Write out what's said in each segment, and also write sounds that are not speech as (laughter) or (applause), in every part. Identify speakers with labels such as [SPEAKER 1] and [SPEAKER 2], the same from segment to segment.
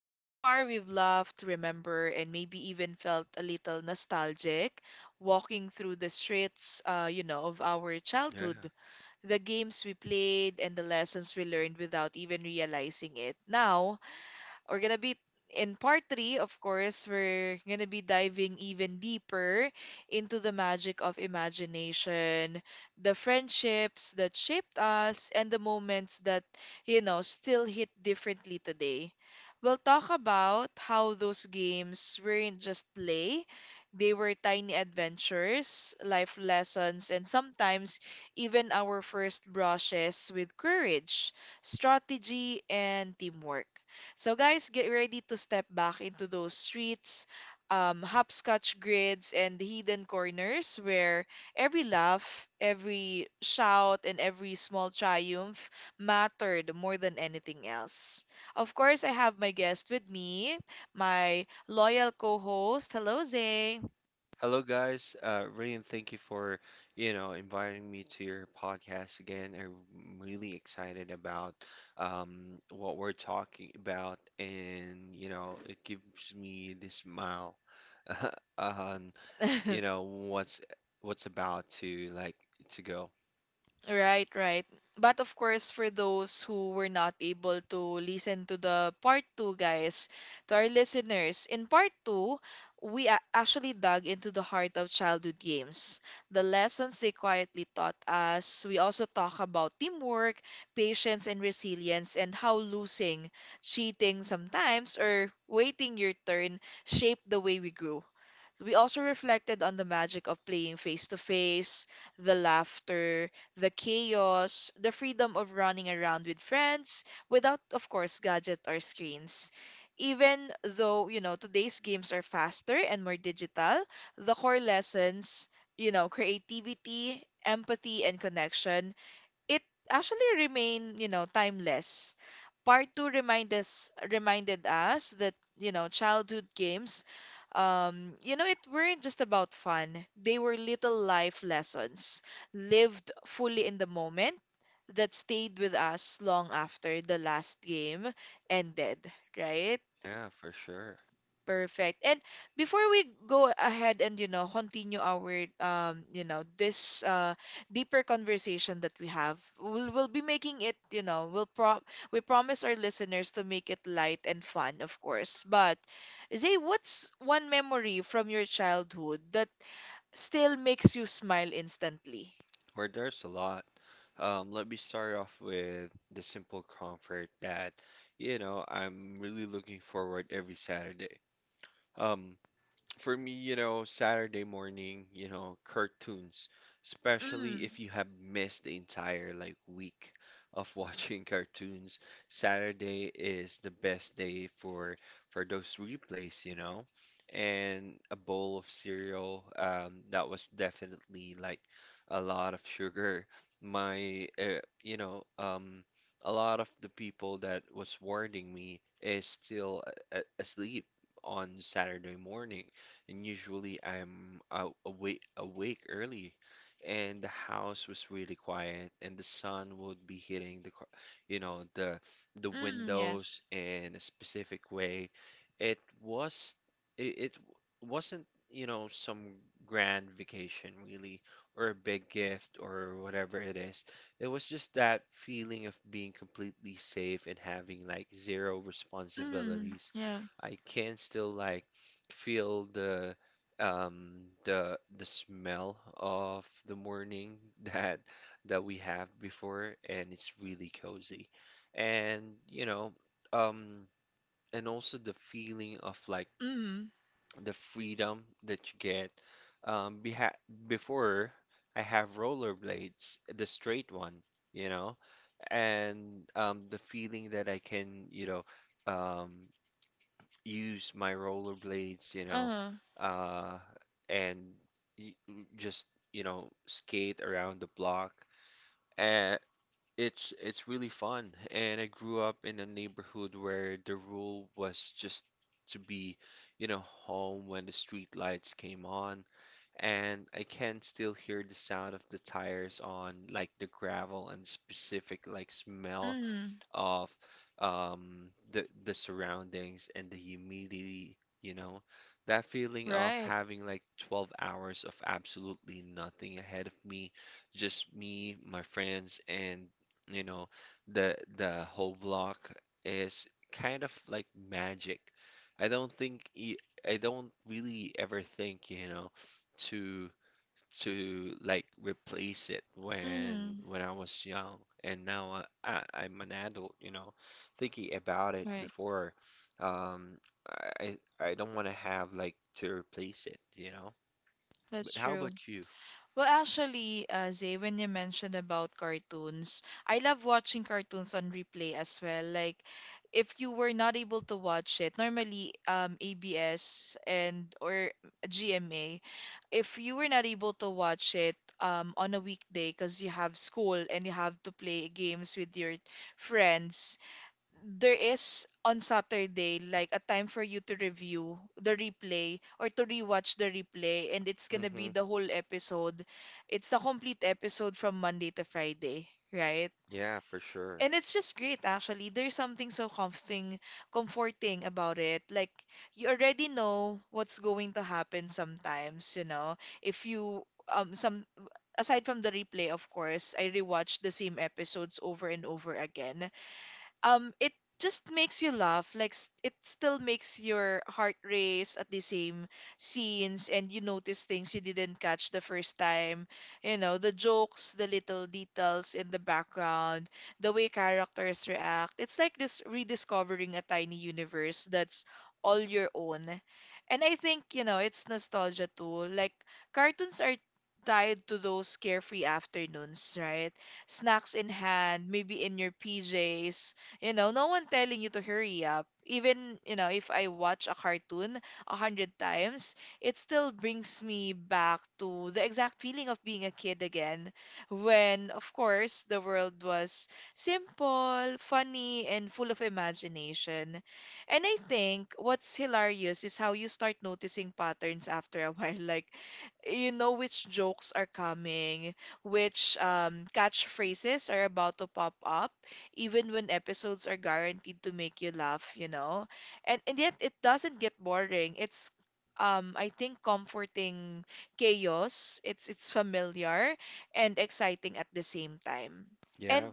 [SPEAKER 1] So far, we've loved, remember, and maybe even felt a little nostalgic walking through the streets, of our
[SPEAKER 2] Yeah.
[SPEAKER 1] childhood, the games we played, and the lessons we learned without even realizing it. Now, we're gonna be in part three, of course, we're gonna be diving even deeper into the magic of imagination, the friendships that shaped us, and the moments that, still hit differently today. We'll talk about how those games weren't just play. They were tiny adventures, life lessons, and sometimes even our first brushes with courage, strategy, and teamwork. So guys, get ready to step back into those streets, hopscotch grids, and hidden corners where every laugh, every shout, and every small triumph mattered more than anything else. Of course, I have my guest with me, my loyal co-host. Hello, Zay.
[SPEAKER 2] Hello, guys. Rain, thank you for, inviting me to your podcast again. I'm really excited about what we're talking about, and you know, it gives me this smile (laughs) on, you
[SPEAKER 1] (laughs)
[SPEAKER 2] know, what's about to to go.
[SPEAKER 1] Right, right. But of course, for those who were not able to listen to the part two, guys, to our listeners, in part two, we actually dug into the heart of childhood games, the lessons they quietly taught us. We also talk about teamwork, patience, and resilience, and how losing, cheating sometimes, or waiting your turn shaped the way we grew. So, we also reflected on the magic of playing face to face, the laughter, the chaos, the freedom of running around with friends without, of course, gadget or screens. Even though, today's games are faster and more digital, the core lessons, creativity, empathy, and connection it actually remained, timeless. Part two reminded us that, childhood games, it weren't just about fun. They were little life lessons lived fully in the moment that stayed with us long after the last game ended, right?
[SPEAKER 2] Yeah, for sure.
[SPEAKER 1] Perfect. And before we go ahead and continue our this deeper conversation that we have, we'll be making it we promise our listeners to make it light and fun, of course. But Zay, what's one memory from your childhood that still makes you smile instantly?
[SPEAKER 2] Where there's a lot. Let me start off with the simple comfort that, you know, I'm really looking forward every Saturday. Um, For me, you know, Saturday morning, you know, cartoons, especially
[SPEAKER 1] Mm.
[SPEAKER 2] if you have missed the entire like week of watching (laughs) cartoons, Saturday is the best day for those replays, you know. And a bowl of cereal, that was definitely like a lot of sugar. My, uh, you know, um, a lot of the people that was warning me is still asleep on Saturday morning, and usually I'm out awake early, and the house was really quiet, and the sun would be hitting the, the
[SPEAKER 1] Mm. Yes.
[SPEAKER 2] windows in a specific way. It was it wasn't, you know, some grand vacation really, or a big gift or whatever it is. It was just that feeling of being completely safe and having like zero
[SPEAKER 1] Mm.
[SPEAKER 2] responsibilities.
[SPEAKER 1] Yeah.
[SPEAKER 2] I can still like feel the smell of the morning (laughs) that we have before, and it's really cozy and you know um and also the feeling of like
[SPEAKER 1] Mm.
[SPEAKER 2] the freedom that you get beha before. I have rollerblades, the straight one, you know, and the feeling that I can um use my rollerblades, you know,
[SPEAKER 1] Uh.
[SPEAKER 2] uh, and y- just, you know, skate around the block. And it's really fun. And I grew up in a neighborhood where the rule was just to be, you know, home when the street lights came on. And I can still hear the sound of the tires on like the gravel and specific like smell
[SPEAKER 1] Mm.
[SPEAKER 2] of the surroundings and the humidity, you know, that feeling of
[SPEAKER 1] Right.
[SPEAKER 2] having like 12 hours of absolutely nothing ahead of me, just me, my friends, and you know, the whole block is kind of like magic. I don't think y- I don't really ever think, you know, to like replace it when
[SPEAKER 1] Mm.
[SPEAKER 2] I was young, and now I'm an adult, you know, thinking about it
[SPEAKER 1] Right.
[SPEAKER 2] before, um, I don't want to have like to replace it, you know.
[SPEAKER 1] That's
[SPEAKER 2] But how
[SPEAKER 1] true.
[SPEAKER 2] about you?
[SPEAKER 1] Well, actually, Zay, when you mentioned about cartoons, I love watching cartoons on replay as well. Like, if you were not able to watch it, normally ABS and or GMA, if you were not able to watch it on a weekday because you have school and you have to play games with your friends, there is on Saturday like a time for you to review the replay or to rewatch the replay and it's gonna be
[SPEAKER 2] Mm-hmm.
[SPEAKER 1] the whole episode. It's the complete episode from Monday to Friday, right?
[SPEAKER 2] Yeah, for sure.
[SPEAKER 1] And it's just great actually. There's something so comforting about it. Like you already know what's going to happen sometimes, you know. If you some aside from the replay, of course, I rewatch the same episodes over and over again it just makes you laugh like it still makes your heart race at the same scenes and you notice things you didn't catch the first time, you know, the jokes, the little details in the background, the way characters react. It's like this rediscovering a tiny universe that's all your own. And I think, you know, it's nostalgia too. Like cartoons are tied to those carefree afternoons, right? Snacks in hand, maybe in your PJs, you know, no one telling you to hurry up. Even, you know, if I watch a cartoon a hundred times, it still brings me back to the exact feeling of being a kid again. When, of course, the world was simple, funny, and full of imagination. And I think what's hilarious is how you start noticing patterns after a (laughs) while. Like, you know which jokes are coming, which catchphrases are about to pop up, even when episodes are guaranteed to make you laugh, you know? And yet it doesn't get boring. It's I think comforting chaos. It's familiar and exciting at the same time. And
[SPEAKER 2] Yeah,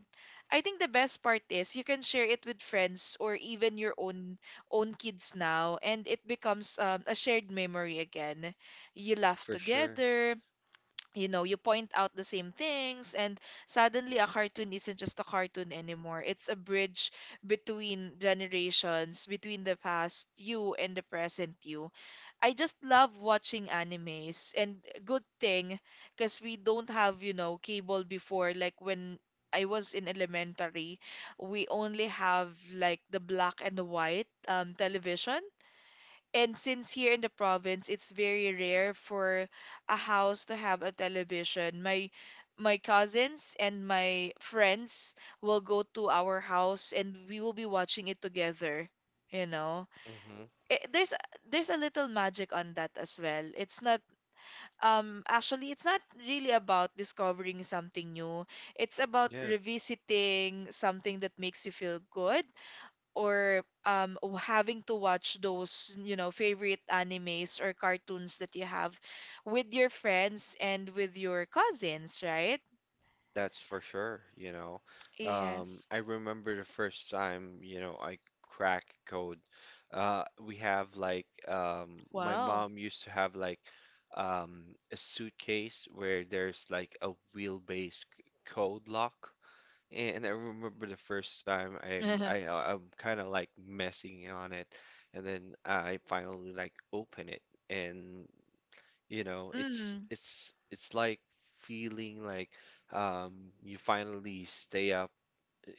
[SPEAKER 1] I think the best part is you can share it with friends or even your own kids now, and it becomes a shared memory again. You laugh
[SPEAKER 2] for sure.
[SPEAKER 1] together, you know, you point out the same things, and suddenly a cartoon isn't just a cartoon anymore. It's a bridge between generations, between the past you and the present you. I just love watching animes, and good thing, because we don't have, you know, cable before, like when. I was in elementary. We only have like the black and the white television. And since here in the province, it's very rare for a house to have a television. My cousins and my friends will go to our house and we will be watching it together, you know.
[SPEAKER 2] Mm-hmm.
[SPEAKER 1] It, there's a little magic on that as well. It's not actually it's not really about discovering something new. It's about
[SPEAKER 2] Yeah.
[SPEAKER 1] revisiting something that makes you feel good or having to watch those, you know, favorite animes or cartoons that you have with your friends and with your cousins, right?
[SPEAKER 2] That's for sure, you know.
[SPEAKER 1] Yes.
[SPEAKER 2] I remember the first time, you know, I cracked code. We have like my
[SPEAKER 1] Wow.
[SPEAKER 2] mom used to have like a suitcase where there's like a wheelbase code lock. And I remember the first time
[SPEAKER 1] (laughs)
[SPEAKER 2] I'm kind of like messing on it, and then I finally like open it, and you know,
[SPEAKER 1] Mm.
[SPEAKER 2] it's like feeling like you finally stay up,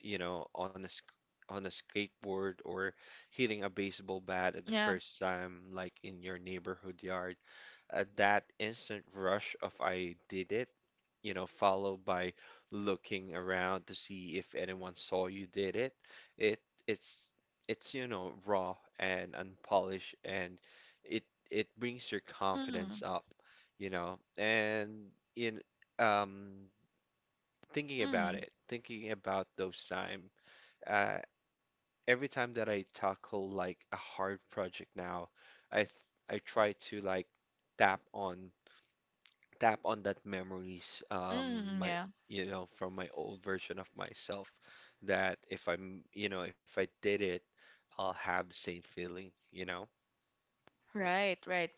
[SPEAKER 2] you know, on a sk on a skateboard, or hitting a baseball bat at the
[SPEAKER 1] Yeah.
[SPEAKER 2] first time, like in your neighborhood yard, that instant rush of I did it, you know, followed by looking around to see if anyone saw you did it. It it's it's you know raw and unpolished, and it it brings your
[SPEAKER 1] Mm.
[SPEAKER 2] confidence up, you know. And in um thinking about
[SPEAKER 1] Mm.
[SPEAKER 2] it, thinking about those time, uh every time that I tackle like a hard project now, I th I try to like tap on that memories
[SPEAKER 1] Mm.
[SPEAKER 2] my
[SPEAKER 1] Yeah.
[SPEAKER 2] you know from my old version of myself that if I'm you know if I did it, I'll have the same feeling, you know.
[SPEAKER 1] Right, right.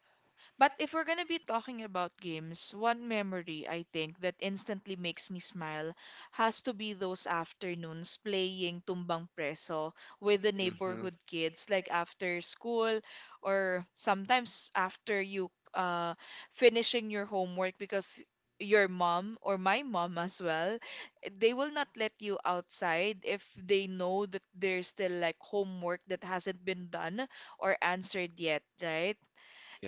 [SPEAKER 1] But if we're gonna be talking about games, one memory I think that instantly makes me smile has to be those afternoons playing tumbang preso with the
[SPEAKER 2] Mm-hmm.
[SPEAKER 1] neighborhood kids, like after school or sometimes after you finishing your homework because your mom or my mom as well, they will not let you outside if they know that there's still like homework that hasn't been done or answered yet, right?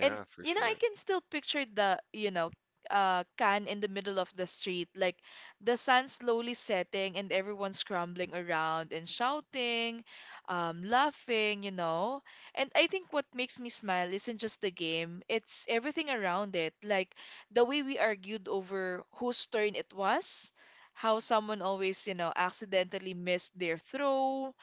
[SPEAKER 1] And
[SPEAKER 2] for
[SPEAKER 1] you know,
[SPEAKER 2] sure.
[SPEAKER 1] I can still picture the, you know, can in the middle of the street, like the sun slowly setting and everyone scrambling around and shouting, laughing, you know. And I think what makes me smile isn't just the game, it's everything around it. Like the way we argued over whose turn it was, how someone always, you know, accidentally missed their throw,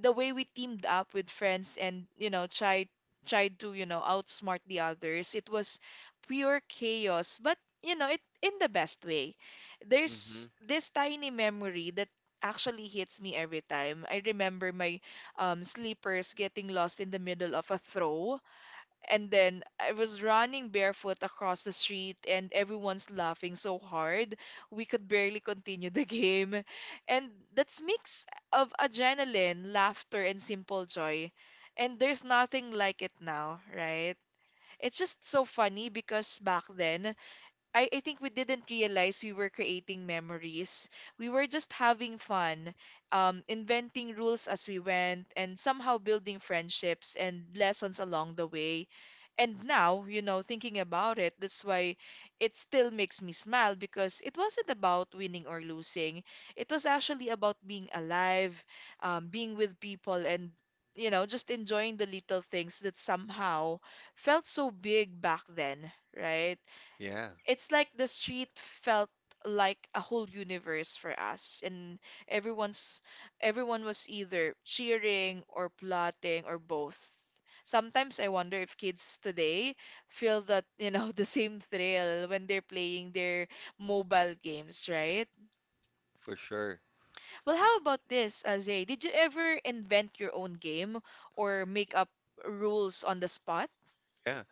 [SPEAKER 1] the way we teamed up with friends and, you know, tried to, you know, outsmart the others. It was pure chaos, but, you know, it in the best way.
[SPEAKER 2] Mm-hmm.
[SPEAKER 1] There's this tiny memory that actually hits me every time. I remember my sleepers getting lost in the middle of a throw, and then I was running barefoot across the street, and everyone's laughing so hard we could barely continue the (laughs) game. And that's mix of adrenaline, laughter, and simple joy. And there's nothing like it now, right? It's just so funny because back then I think we didn't realize we were creating memories. We were just having fun, inventing rules as we went, and somehow building friendships and lessons along the way. And now, you know, thinking about it, that's why it still makes me smile because it wasn't about winning or losing. It was actually about being alive, being with people, and, you know, just enjoying the little things that somehow felt so big back then, right?
[SPEAKER 2] Yeah,
[SPEAKER 1] It's like the street felt like a whole universe for us and everyone's everyone was either cheering or plotting or both. Sometimes I wonder if kids today feel that, you know, (laughs) the same thrill when they're playing their mobile games, right?
[SPEAKER 2] for sure.
[SPEAKER 1] Well, how about this, Azay? Did you ever invent your own game or make up rules on the spot?
[SPEAKER 2] Yeah,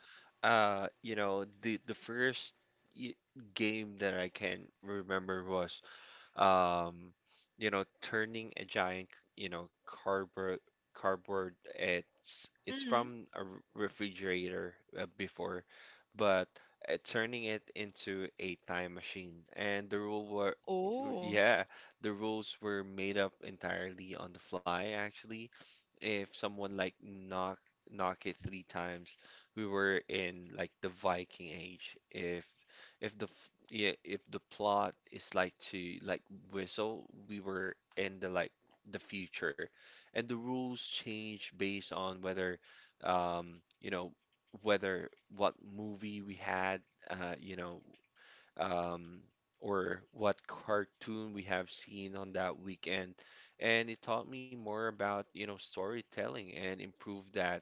[SPEAKER 2] you know, the first y- game that I can remember was um, you know, turning a giant, you know, cardboard. It's
[SPEAKER 1] Mm.
[SPEAKER 2] from a refrigerator, before, but turning it into a time machine. And
[SPEAKER 1] Oh.
[SPEAKER 2] yeah, the rules were made up entirely on the fly, actually. If someone like knock it three times, we were in like the Viking Age. If the plot is like to whistle, we were in the future, and the rules change based on whether you know whether what movie we had, uh you know um, or what cartoon we have seen on that weekend. And it taught me more about, you know, storytelling and improved that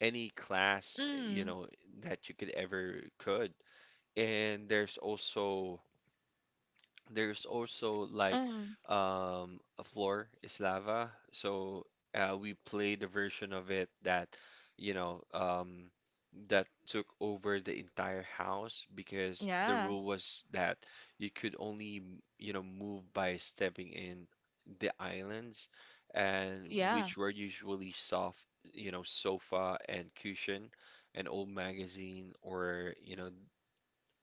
[SPEAKER 2] any class, you
[SPEAKER 1] Mm.
[SPEAKER 2] know, that you could ever could. And there's also like
[SPEAKER 1] Mm.
[SPEAKER 2] a floor is lava. So we played a version of it that, you know, um, that took over the entire house because the
[SPEAKER 1] Yeah.
[SPEAKER 2] rule was that you could only, you know, move by stepping in the islands, and
[SPEAKER 1] Yeah.
[SPEAKER 2] which were usually soft, you know, sofa and cushion, an old magazine or,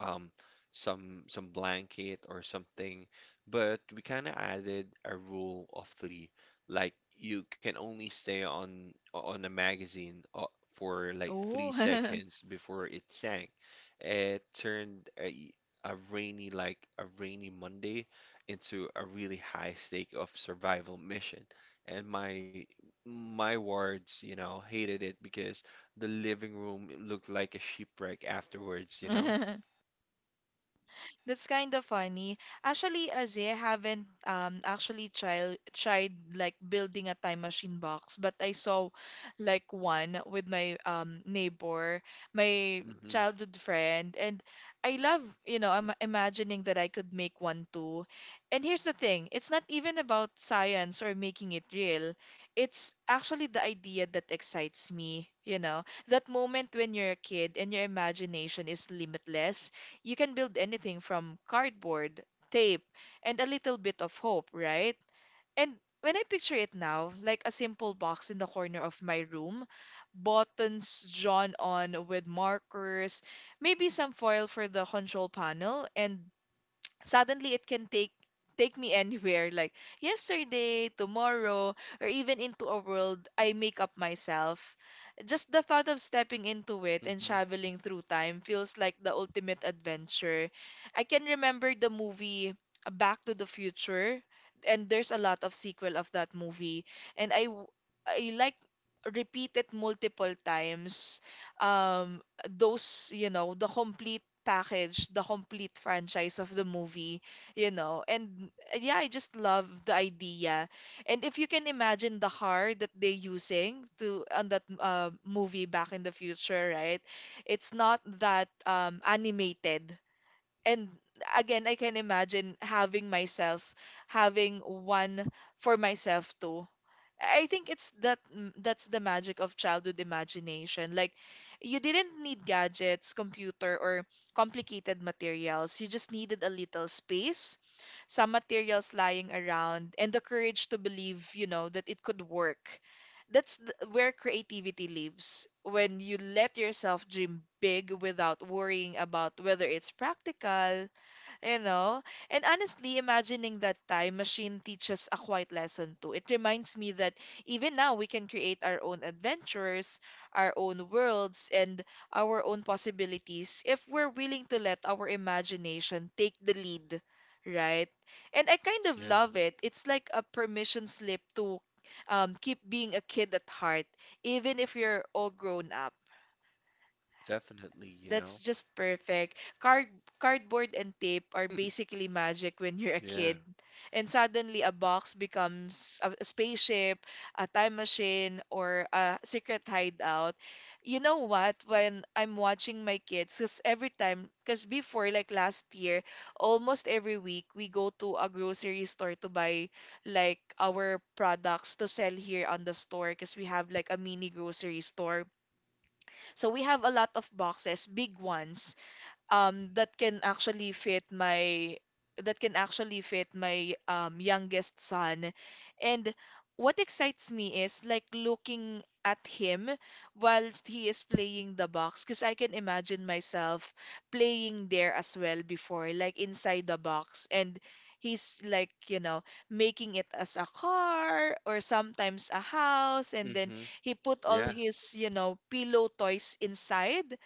[SPEAKER 2] um, some blanket or something, but we kind of added a rule of three, like you can only stay on a magazine for like three
[SPEAKER 1] Oh.
[SPEAKER 2] seconds before it sank. It turned a rainy Monday into a really high stake of survival mission, and my wards, you know, hated it because the living room looked like a shipwreck afterwards, you know.
[SPEAKER 1] (laughs) (laughs) That's kind of funny. Actually, as I haven't actually tried like building a time machine box, but I saw like one with my neighbor, my
[SPEAKER 2] Hmm.
[SPEAKER 1] childhood friend, and I love, you know, I'm imagining that I could make one too. And here's the thing, it's not even about science or making it real. It's actually the idea that excites me, you know, that moment when you're a kid and your imagination is limitless. You can build anything from cardboard, tape, and a little bit of hope, right? And when I picture it now, like a simple box in the corner of my room, buttons drawn on with markers, maybe some foil for the control panel, and suddenly it can take me anywhere, like yesterday, tomorrow, or even into a world I make up myself. Just the thought of stepping into it and
[SPEAKER 2] Hmm.
[SPEAKER 1] traveling through time feels like the ultimate adventure. I can remember the movie Back to the Future, and there's a lot of sequel of that movie, and I like repeat it multiple times, um those, you know, the complete package, the complete franchise of the movie, you know. And yeah, I just love the idea. And if you can imagine the car that they using to on that movie Back in the Future, right? It's not that animated and again, I can imagine having myself, having one for myself too. I think it's that's the magic of childhood imagination. Like you didn't need gadgets, computer, or complicated materials. You just needed a little space, some materials lying around, and the courage to believe, that it could work. Where creativity lives when you let yourself dream big without worrying about whether it's practical, you know? And honestly, imagining that time machine teaches a quiet lesson too. It reminds me that even now we can create our own adventures, our own worlds, and our own possibilities if we're willing to let our imagination take the lead, right? And I kind of
[SPEAKER 2] Yeah,
[SPEAKER 1] love it. It's like a permission slip to keep being a kid at heart, even if you're all grown up.
[SPEAKER 2] definitely, you know.
[SPEAKER 1] That's just perfect. Cardboard and tape are basically
[SPEAKER 2] (laughs)
[SPEAKER 1] magic when you're a
[SPEAKER 2] Yeah.
[SPEAKER 1] kid. And suddenly a box becomes a spaceship, a time machine, or a secret hideout. You know what? When I'm watching my kids, because every time, because before, like last year, almost every week, we go to a grocery store to buy like our products to sell here on the store because we have like a mini grocery store. So we have a lot of boxes, big ones that can actually fit my that can actually fit my youngest son. And what excites me is like looking at him whilst he is playing the box because I can imagine myself playing there as well before, like inside the box. And he's like, making it as a car or sometimes a house, and then
[SPEAKER 2] Hmm.
[SPEAKER 1] he put
[SPEAKER 2] Yeah,
[SPEAKER 1] all his, you know, pillow toys inside.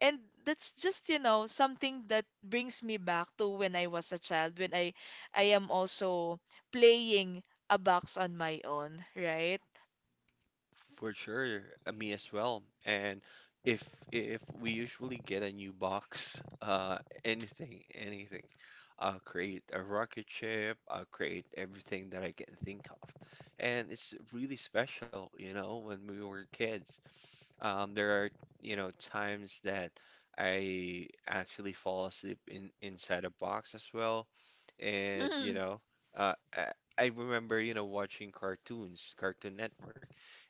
[SPEAKER 1] And that's just, something that brings me back to when I was a child, when I am also playing a box on my own, right?
[SPEAKER 2] for sure. Me as well. And if we usually get a new box, anything, I'll create a rocket ship. I'll create everything that I can think of. And it's really special, you know, when we were kids. There are, you know, times that I actually fall asleep in inside a box as well. And, you
[SPEAKER 1] Mm,
[SPEAKER 2] know, uh, I, I remember, you know, watching cartoons, Cartoon Network,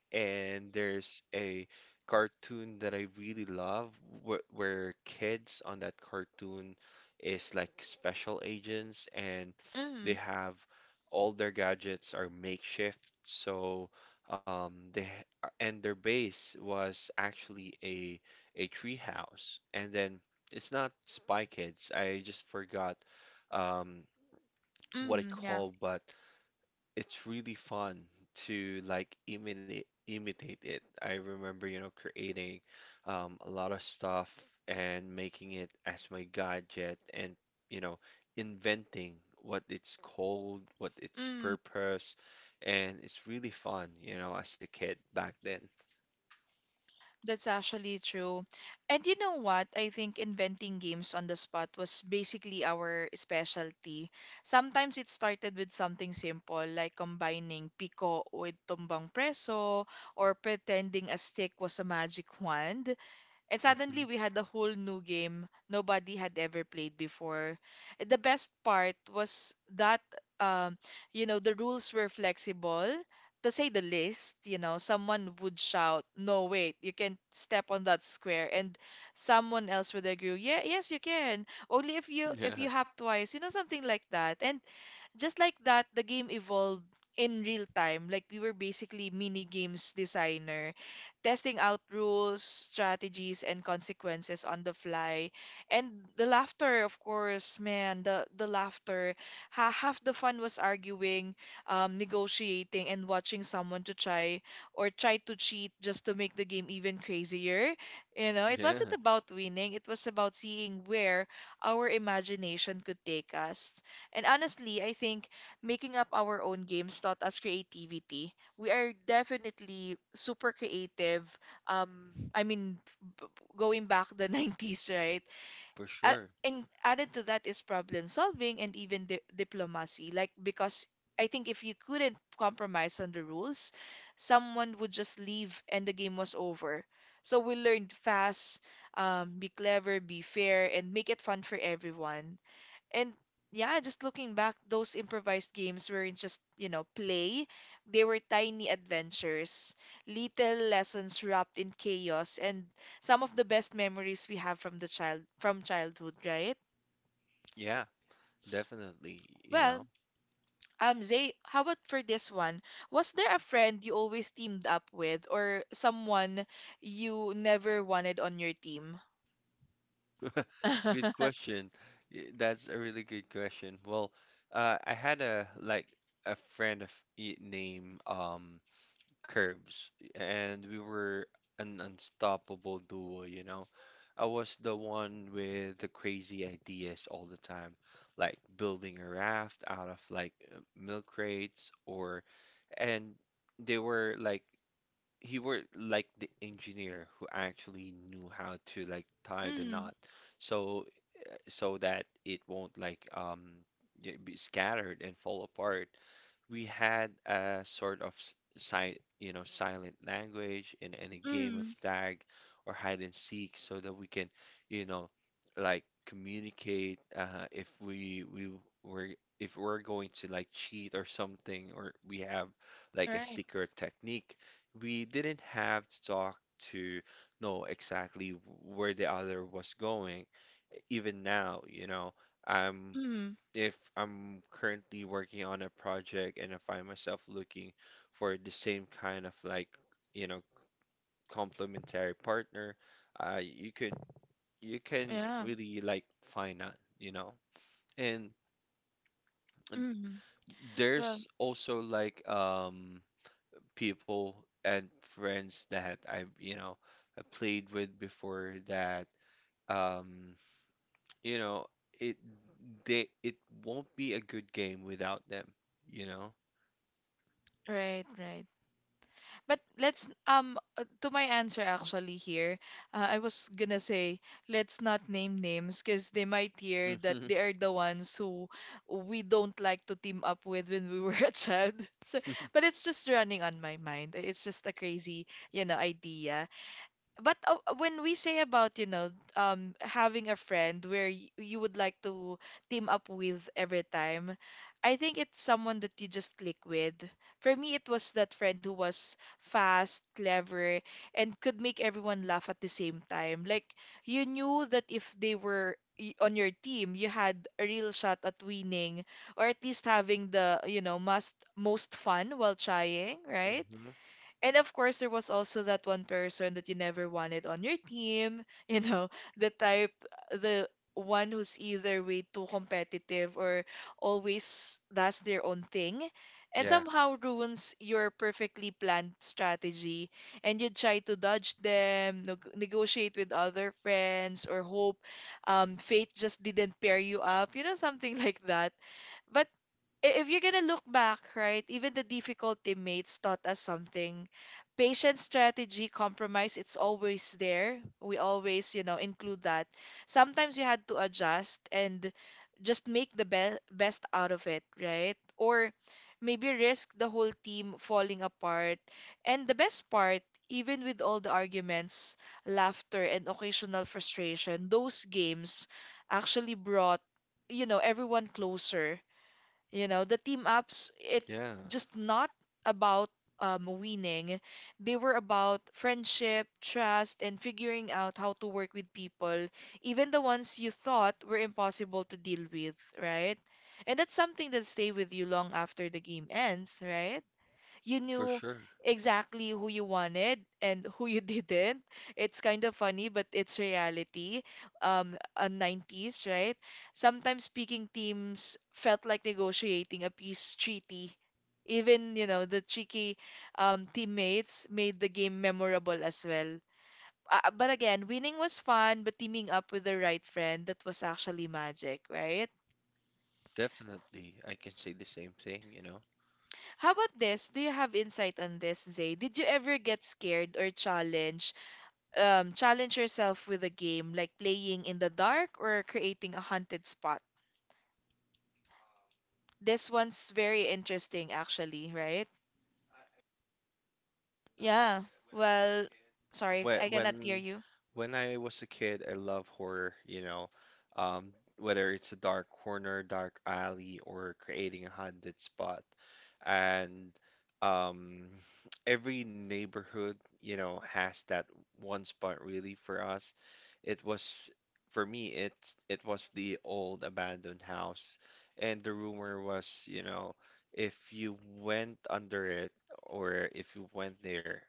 [SPEAKER 2] and there's a cartoon that I really love where kids on that cartoon is like special agents, and they
[SPEAKER 1] mm,
[SPEAKER 2] have all their gadgets are makeshift, so um they and their base was actually a tree house. And then, it's not Spy Kids, I just forgot um what it
[SPEAKER 1] yeah.
[SPEAKER 2] called, but it's really fun to like imitate it. I remember, you know, creating a lot of stuff and making it as my gadget, and, you know, inventing what it's called, what its
[SPEAKER 1] Mm,
[SPEAKER 2] purpose, and it's really fun, you know, as a kid back then.
[SPEAKER 1] that's actually true. And you know what? I think inventing games on the spot was basically our specialty. Sometimes it started with something simple, like combining pico with tumbang preso or pretending a stick was a magic wand. And
[SPEAKER 2] Mhm.
[SPEAKER 1] suddenly we had a
[SPEAKER 2] (laughs)
[SPEAKER 1] whole new game nobody had ever played before. And the best part was that um, you know, the rules were flexible. To say the least, you know, someone would shout, "No, wait, you can't step on that square," and someone else would agree, "Yeah, yes, you can. Only if you if
[SPEAKER 2] Yeah.
[SPEAKER 1] you hop twice," you know, something like that. And just like that, the game evolved in real time. Like we were basically mini games designer, testing out rules, strategies, and consequences on the fly. And the laughter, of course, man, the laughter. Ha Half the fun was arguing, negotiating, and watching someone to try or try to cheat just to make the game even crazier. You know, it wasn't
[SPEAKER 2] Yeah,
[SPEAKER 1] about winning. It was about seeing where our imagination could take us. And honestly, I think making up our own games taught us creativity. We are definitely super creative. I mean, going back the (laughs) 90s, right?
[SPEAKER 2] for sure.
[SPEAKER 1] And added to that is problem solving and even diplomacy. Like, because I think if you couldn't compromise on the rules, someone would just leave and the game was over. So we learned fast, be clever, be fair, and make it fun for everyone. And yeah, just looking back, those improvised games weren't just, you know, play. They were tiny adventures, little lessons wrapped in chaos, and some of the best memories we have from the child from childhood, right?
[SPEAKER 2] Yeah, definitely, you
[SPEAKER 1] Well,
[SPEAKER 2] know.
[SPEAKER 1] Zay, how about for this one? Was there a friend you always teamed up with or someone you never wanted on your team?
[SPEAKER 2] (laughs) Good
[SPEAKER 1] (laughs)
[SPEAKER 2] question. That's a really good question. Well, I had a a friend of named Curbs, and we were an unstoppable duo, you know. I was the one with the crazy ideas all the time, like building a raft out of like milk crates or, and they were like he were like the engineer who actually knew how to like tie the knot.
[SPEAKER 1] Mm,
[SPEAKER 2] So that it won't like be scattered and fall apart. We had a sort of s- si you know silent language in any game of
[SPEAKER 1] mm,
[SPEAKER 2] tag or hide and seek so that we can, you know, like communicate, were if we're going to like cheat or something, or we have like a
[SPEAKER 1] right.
[SPEAKER 2] secret technique. We didn't have to talk to know exactly where the other was going. Even now, you know, I'm
[SPEAKER 1] Mm,
[SPEAKER 2] if I'm currently working on a project and I find myself looking for the same kind of like, you know, complementary partner, uh, you could you can
[SPEAKER 1] yeah.
[SPEAKER 2] really like find that, you know. And
[SPEAKER 1] Mm, well,
[SPEAKER 2] there's also like people and friends that I've, you know, I played with before, that um, you know, it they it won't be a good game without them, you know.
[SPEAKER 1] right, right. But let's to my answer actually here, I was gonna say let's not name names because they might hear that
[SPEAKER 2] Mhm.
[SPEAKER 1] they are the ones who we don't like to team up with when we were (laughs) a child. So,
[SPEAKER 2] Hmm.
[SPEAKER 1] but it's just running on my mind. It's just a crazy, you know, idea. But when we say about, you know, having a friend where y you would like to team up with every time, I think it's someone that you just click with. For me, it was that friend who was fast, clever, and could make everyone laugh at the same time. Like, you knew that if they were on your team, you had a real shot at winning, or at least having the, you know, most fun while trying, right? And of course, there was also that one person that you never wanted on your team, (laughs) you know, the type, the one who's either way too competitive or always does their own thing and
[SPEAKER 2] Yeah,
[SPEAKER 1] somehow ruins your perfectly planned strategy. And you try to dodge them, negotiate with other friends, or hope fate just didn't pair you up, you know, something (laughs) like that. But if you're gonna look back, right, even the difficult teammates taught us something. Patient strategy, compromise, it's always there. We always, you know, include that. Sometimes you had to adjust and just make the be best out of it, right? Or maybe risk the whole team falling apart. And the best part, even with all the arguments, laughter, and occasional frustration, those games actually brought, you know, everyone closer. You know, the team ups, it
[SPEAKER 2] yeah,
[SPEAKER 1] just not about winning. They were about friendship, trust, and figuring out how to work with people, even the ones you thought were impossible to deal with, right? And that's something that stay with you long after the game ends, right? You
[SPEAKER 2] for
[SPEAKER 1] knew
[SPEAKER 2] sure.
[SPEAKER 1] exactly who you wanted and who you (laughs) didn't. It's kind of funny, but it's reality. On 90s, right? Sometimes speaking teams felt like negotiating a peace treaty. Even, you know, the cheeky teammates made the game memorable as well. But again, winning was fun, but teaming up with the right friend, that was actually magic, right?
[SPEAKER 2] Definitely. I can say the same thing, you know.
[SPEAKER 1] How about this? Do you have insight on this, Zay? Did you ever get scared or challenged challenge yourself with a game, like playing in the dark or creating a haunted spot? This one's very interesting, actually, right? Yeah. Well, sorry,
[SPEAKER 2] when
[SPEAKER 1] I cannot hear
[SPEAKER 2] when
[SPEAKER 1] you.
[SPEAKER 2] I was a kid, I love horror, you know, whether it's a dark corner, dark alley, or creating a haunted spot. And um, (sniffs) every neighborhood, you know, has that one spot really for us. It was for me, it was the old abandoned house, and the rumor was, you know, if you went under it, or if you went there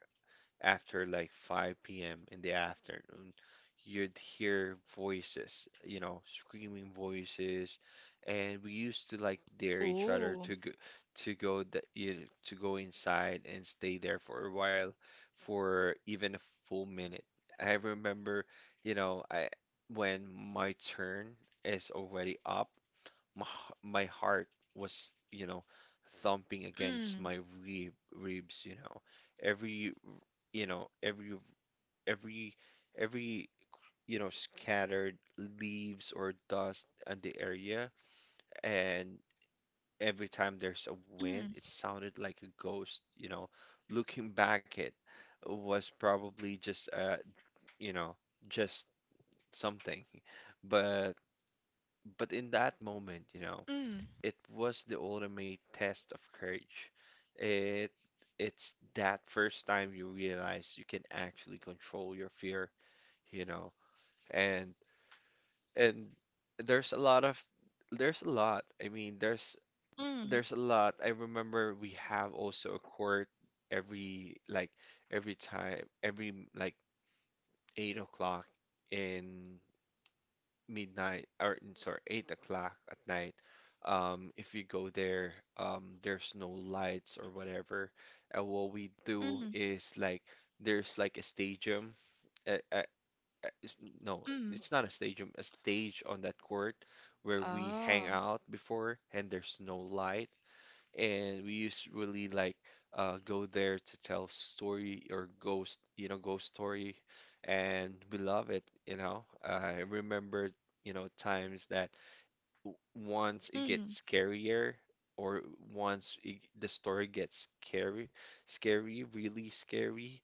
[SPEAKER 2] after like 5 p.m. in the afternoon, you'd hear voices, you know, screaming voices, and we used to like dare each other
[SPEAKER 1] Ooh.
[SPEAKER 2] to go the, you know, to go inside and stay there for a while, for even a full minute. I remember, you know, I when my turn is already up, my heart was, you know, thumping against
[SPEAKER 1] Mm,
[SPEAKER 2] my ribs, you know. Every, you know, every, every, every, you know, scattered leaves or dust on the area. And every time there's a wind,
[SPEAKER 1] mm,
[SPEAKER 2] it sounded like a ghost, you know. Looking back, it was probably just, you know, just something. But, in that moment, you know,
[SPEAKER 1] mm,
[SPEAKER 2] it was the ultimate test of courage. It it's that first time you realize you can actually control your fear, you know. And and there's a lot of there's a lot. I mean, there's
[SPEAKER 1] mm,
[SPEAKER 2] there's a lot. I remember we have also a court every like every like 8 o'clock in midnight or sorry, 8 o'clock at night. If you go there, there's no lights or whatever. And what we do
[SPEAKER 1] mm,
[SPEAKER 2] is like there's like a stadium. A, a, a- it's- no,
[SPEAKER 1] mm.
[SPEAKER 2] it's not a stadium, a stage on that court where we hang
[SPEAKER 1] Oh.
[SPEAKER 2] out before, and there's no light and we used to really like go there to tell story or ghost story, and we love it. I remember, times that once it gets scarier or the story gets scary, scary, really scary,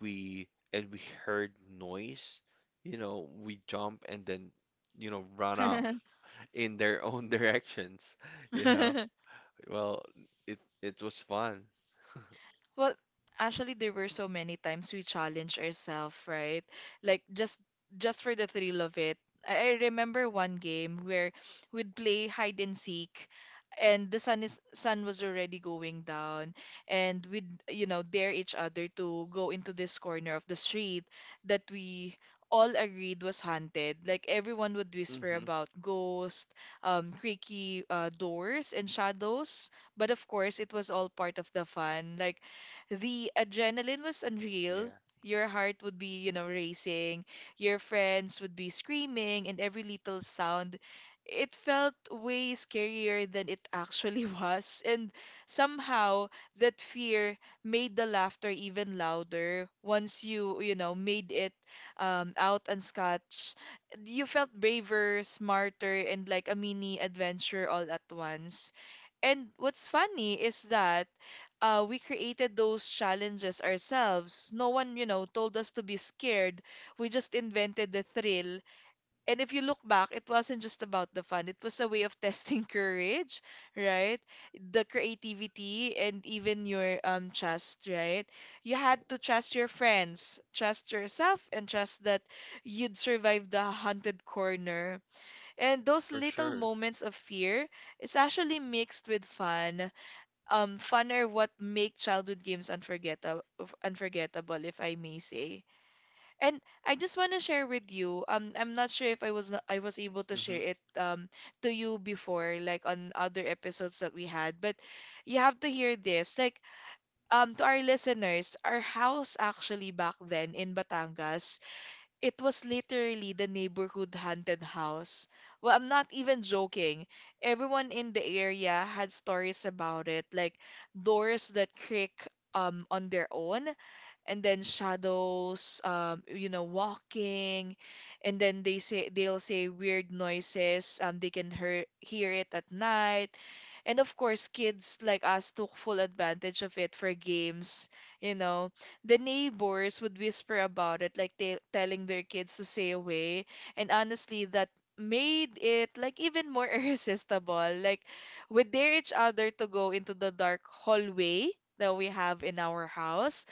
[SPEAKER 2] we and we heard noise, we jump and then, run off
[SPEAKER 1] Mm.
[SPEAKER 2] in their own (laughs) directions, you know.
[SPEAKER 1] (laughs)
[SPEAKER 2] Well, it was fun.
[SPEAKER 1] Well, actually, there were so many times we challenged ourselves, right? Like just for the thrill of it. I remember one game where we'd play hide and seek, and the sun is sun was already going down, and we'd, you know, dare each other to go into this corner of the street that we all agreed was haunted. Like everyone would whisper
[SPEAKER 2] Hmm.
[SPEAKER 1] about ghosts, creaky doors and shadows, but of course it was all part of the fun. Like the adrenaline was unreal.
[SPEAKER 2] Yeah,
[SPEAKER 1] Your heart would be, you know, racing. Your friends would be screaming, and every little sound. It felt way scarier than it actually (laughs) was. And somehow, that fear made the laughter even louder. Once you, you know, made it out unscathed, you felt braver, smarter, and like a mini adventure all at once. And what's funny is that we created those challenges ourselves. No one, you know, told us to be scared. We just invented the thrill. And if you look back, it wasn't just about the fun. It was a way of testing (laughs) courage, right? The creativity and even your trust, right? You had to trust your friends, trust yourself, and trust that you'd survive the haunted corner. And those
[SPEAKER 2] for
[SPEAKER 1] little
[SPEAKER 2] sure.
[SPEAKER 1] moments of fear, it's actually mixed with fun are what make childhood games unforgettable if I may say. And I just want to share with you, I'm not sure if I was not, I was able to
[SPEAKER 2] Hmm.
[SPEAKER 1] share it to you before like on other episodes that we had, but you have to hear this. Like, to our listeners, our house actually back then in Batangas, it was literally the neighborhood haunted house. Well, I'm not even joking. Everyone in the area had stories about it, like doors that creak on their own, and then shadows, you know, walking, and then they say they'll say weird noises. They can hear it at night, and of course, kids like us took full advantage of it for games. You know, the neighbors would whisper about it, like they telling their kids to stay away, and honestly, that made it like even more (laughs) irresistible. Like we dare each other to go into the dark hallway that we have in our house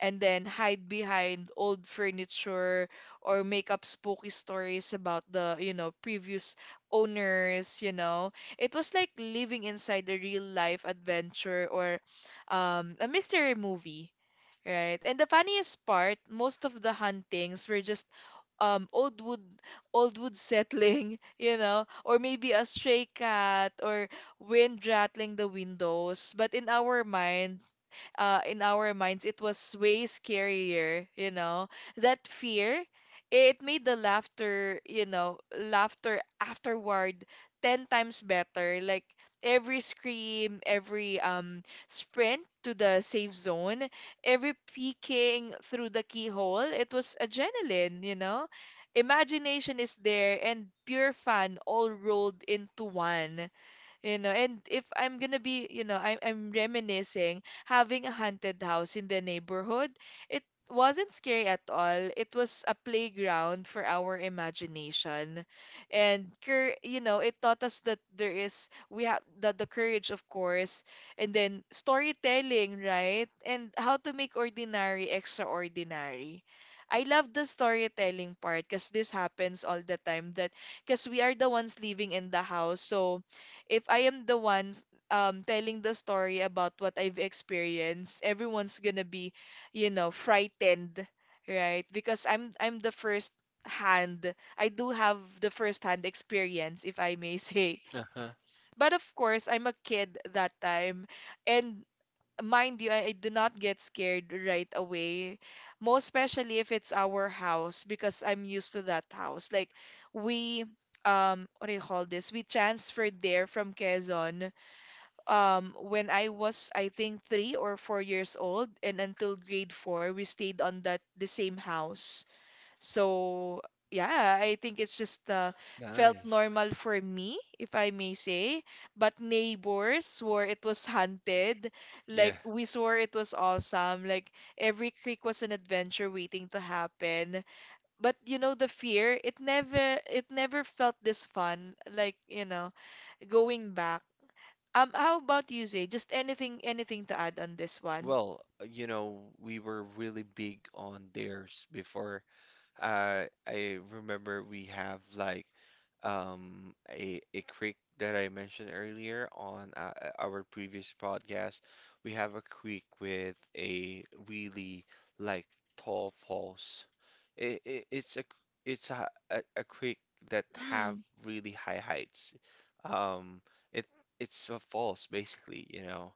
[SPEAKER 1] and then hide behind old furniture or make up spooky stories about the, you know, previous owners, you know. It was like living inside a real life adventure or a mystery movie, right? And the funniest part, most of the huntings were just um old wood old wood settling, (laughs) you know, or maybe a stray cat or wind rattling the windows. But in our minds, it was way scarier, you know. That fear, it made the laughter, laughter afterward 10 times better. Like every scream, every sprint to the safe zone, every peeking through the keyhole, it was adrenaline, you know? Imagination is there and pure fun all rolled into one. You know, and if I'm gonna be, you know, I'm reminiscing having a haunted house in the neighborhood. It wasn't scary at all. It was a playground for our imagination. And it taught us that there is we have that the courage, of course, and then storytelling, right? And how to make ordinary extraordinary. I love the storytelling part because this happens all the time that because we are the ones living in the house. So if I am the ones telling the story about what I've experienced, everyone's gonna be, you know, frightened, right? Because I'm the first hand. I do have the first hand experience, if I may (laughs) say.
[SPEAKER 2] Uh-huh.
[SPEAKER 1] But of course, I'm a kid that time. And mind you, I do not get scared right away. Most especially if it's our house, because I'm used to that house. Like we what do you call this? We transferred there from Quezon when I was I think 3 or 4 years old and until grade four we stayed on that the same house. So yeah, I think it's just felt
[SPEAKER 2] Nice.
[SPEAKER 1] normal for me, if I may say. But neighbors swore it was haunted.
[SPEAKER 2] Yeah.
[SPEAKER 1] Like we swore it was awesome. Like every creek was an adventure waiting to happen. But you know the fear, it never felt this fun. Like, you know, going back. How about you, Zay? Just anything, anything to add on this one?
[SPEAKER 2] Well, we were really big on theirs before. I remember we have like a creek that I mentioned earlier on our previous podcast. We have a creek with a really like tall falls. It it's a creek that have
[SPEAKER 1] Mm,
[SPEAKER 2] really high heights. Um, it it's a falls basically,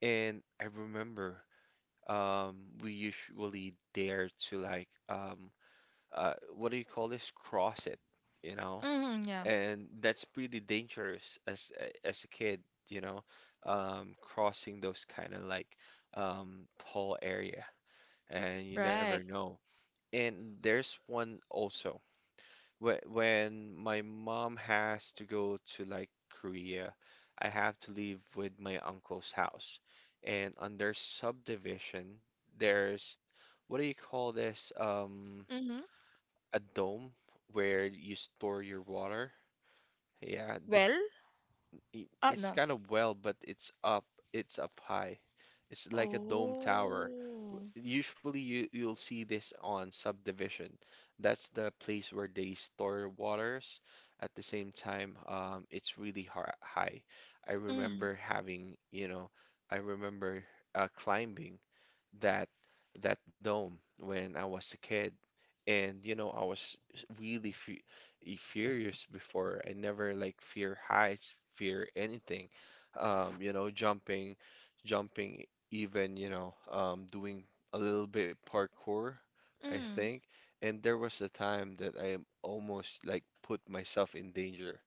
[SPEAKER 2] And I remember um we usually dare to like what do you call this? Cross it, you know?
[SPEAKER 1] mm, yeah.
[SPEAKER 2] And that's pretty dangerous as a kid, crossing those kind of like tall area, and you never
[SPEAKER 1] Right.
[SPEAKER 2] know. And there's one also when my mom has to go to like Korea, I have to leave with my uncle's house, and on their subdivision, there's what do you call this?
[SPEAKER 1] Mm-hmm.
[SPEAKER 2] A dome where you store your water. Yeah, the
[SPEAKER 1] Well,
[SPEAKER 2] it, it's
[SPEAKER 1] no.
[SPEAKER 2] kind of well, but it's up high. It's like a dome tower.
[SPEAKER 1] Oh,
[SPEAKER 2] Usually you'll see this on subdivision. That's the place where they store waters. At the same time, it's really har high. I
[SPEAKER 1] mm,
[SPEAKER 2] remember I remember climbing that that dome when I was a kid. And I was really furious before. I never like fear heights, fear anything. Jumping, jumping, even, doing a little bit parkour, I
[SPEAKER 1] mm.
[SPEAKER 2] think. And there was a time that I am almost like put myself in danger.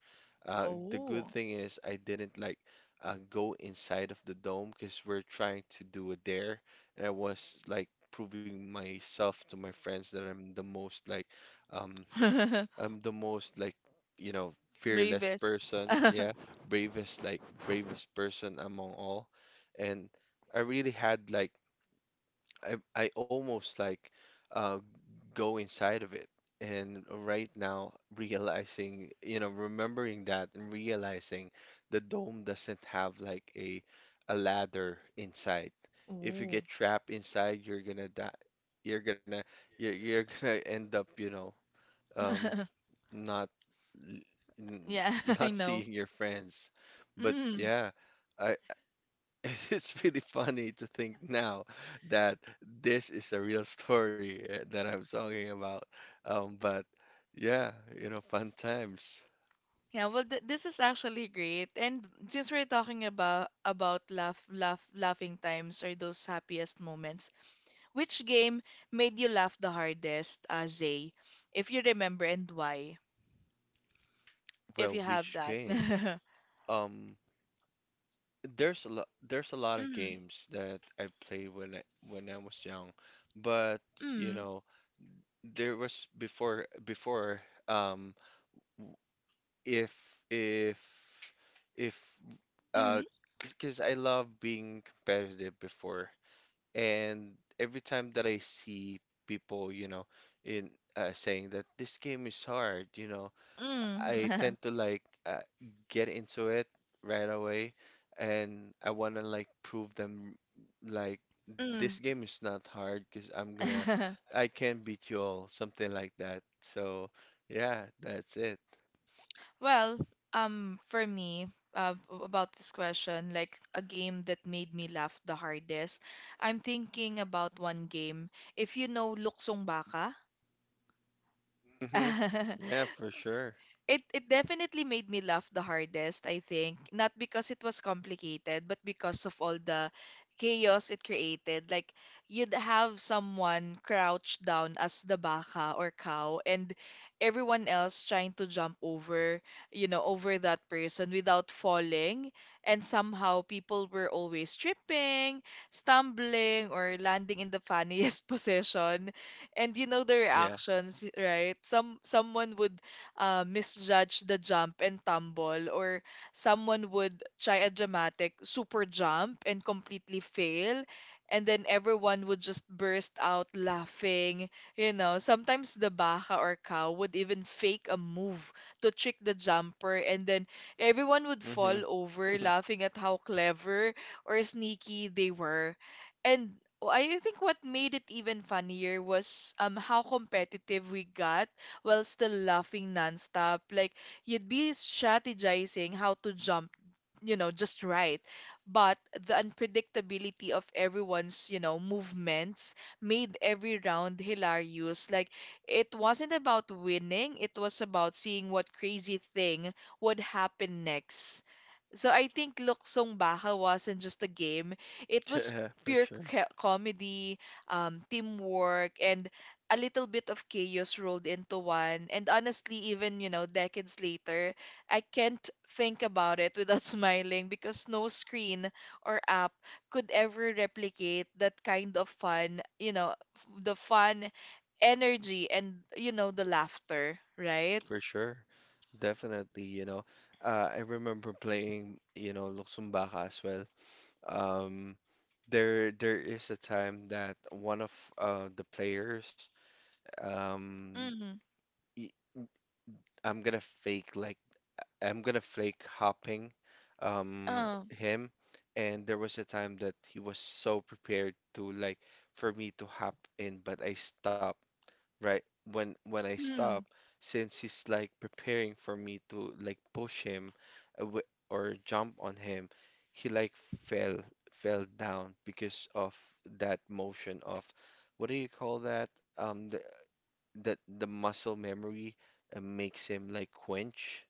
[SPEAKER 2] The good
[SPEAKER 1] Oh,
[SPEAKER 2] thing is I didn't like go inside of the dome because we're trying to do a dare and I was like proving myself to my friends that I'm the most like um
[SPEAKER 1] (laughs)
[SPEAKER 2] I'm the most like fearless
[SPEAKER 1] bravest.
[SPEAKER 2] person, yeah,
[SPEAKER 1] (laughs)
[SPEAKER 2] bravest like bravest person among all. And I really had like I almost uh go inside of it. And right now, (laughs) remembering that and realizing the dome doesn't have like a ladder inside. If you
[SPEAKER 1] Oh.
[SPEAKER 2] get trapped inside, you're gonna die. You're gonna you're (laughs) gonna end up, um,
[SPEAKER 1] (laughs)
[SPEAKER 2] not l- n-
[SPEAKER 1] Yeah, (laughs) I
[SPEAKER 2] not (laughs)
[SPEAKER 1] know.
[SPEAKER 2] seeing your friends. But
[SPEAKER 1] Mm.
[SPEAKER 2] yeah, I (laughs) It's pretty funny to think now that this is a real story that I'm talking about. But yeah, fun times.
[SPEAKER 1] Yeah, well, th this is actually great. And since we're talking about about laughing times or those happiest moments, which game made you laugh the hardest, Zay? If you remember and why, if
[SPEAKER 2] Well,
[SPEAKER 1] you have
[SPEAKER 2] which
[SPEAKER 1] that.
[SPEAKER 2] game?
[SPEAKER 1] (laughs)
[SPEAKER 2] Um, there's a lot of
[SPEAKER 1] Mm,
[SPEAKER 2] games that I played when I was young, but
[SPEAKER 1] mm,
[SPEAKER 2] there was before before um if if if uh
[SPEAKER 1] mm,
[SPEAKER 2] because I love being competitive before. And every time that I see people, in saying that this game is hard,
[SPEAKER 1] mm,
[SPEAKER 2] I tend to
[SPEAKER 1] (laughs)
[SPEAKER 2] like get into it right away, and I want to like prove them like this game is not hard because
[SPEAKER 1] mm. (laughs)
[SPEAKER 2] I can beat you all, something like that. So yeah, that's it.
[SPEAKER 1] Well, for me, about this question, like a game that made me laugh the hardest, I'm thinking about one game. If you know Luksong Baka,
[SPEAKER 2] Hmm.
[SPEAKER 1] (laughs)
[SPEAKER 2] Yeah, for sure.
[SPEAKER 1] it definitely made me laugh the hardest, I think. Not because it was complicated, but because of all the chaos it created. Like you'd have someone crouched down as the baka or cow and everyone else trying to jump over, you know, over that person without falling. And somehow people were always tripping, stumbling, or landing in the funniest (laughs) position and you know the
[SPEAKER 2] Yeah.
[SPEAKER 1] reactions, right? Someone would misjudge the jump and tumble, or someone would try a dramatic super jump and completely fail. And then everyone would just burst out laughing. You know, sometimes the baka or cow would even fake a move to trick the jumper, and then everyone would fall
[SPEAKER 2] Hmm.
[SPEAKER 1] over
[SPEAKER 2] (laughs)
[SPEAKER 1] laughing at how clever or sneaky they were. And I think what made it even funnier was how competitive we got while still laughing nonstop. Like you'd be strategizing how to jump, you know, just right. But the unpredictability of everyone's, you know, movements made every round hilarious. Like it wasn't about winning, it was about seeing what crazy thing would happen next. So I think Luksong Baka wasn't just a game. It was
[SPEAKER 2] Yeah, for
[SPEAKER 1] pure
[SPEAKER 2] sure.
[SPEAKER 1] comedy, teamwork, and a little bit of chaos rolled into one. And honestly, even, you know, decades later, I can't think about it without (laughs) smiling because no screen or app could ever replicate that kind of fun, you know, the fun energy and, you know, the laughter, right?
[SPEAKER 2] For sure. Definitely. I remember playing, Luksong Baka as well. Um, there is a time that one of the players um
[SPEAKER 1] Mm,
[SPEAKER 2] y- I'm gonna fake like I'm gonna fake hopping um
[SPEAKER 1] uh,
[SPEAKER 2] him and there was a time that he was so prepared to like for me to hop in but I stopped right when I stop
[SPEAKER 1] mm,
[SPEAKER 2] since he's like preparing for me to like push him or jump on him he like fell fell down because of that motion of what do you call that the muscle memory makes him like quench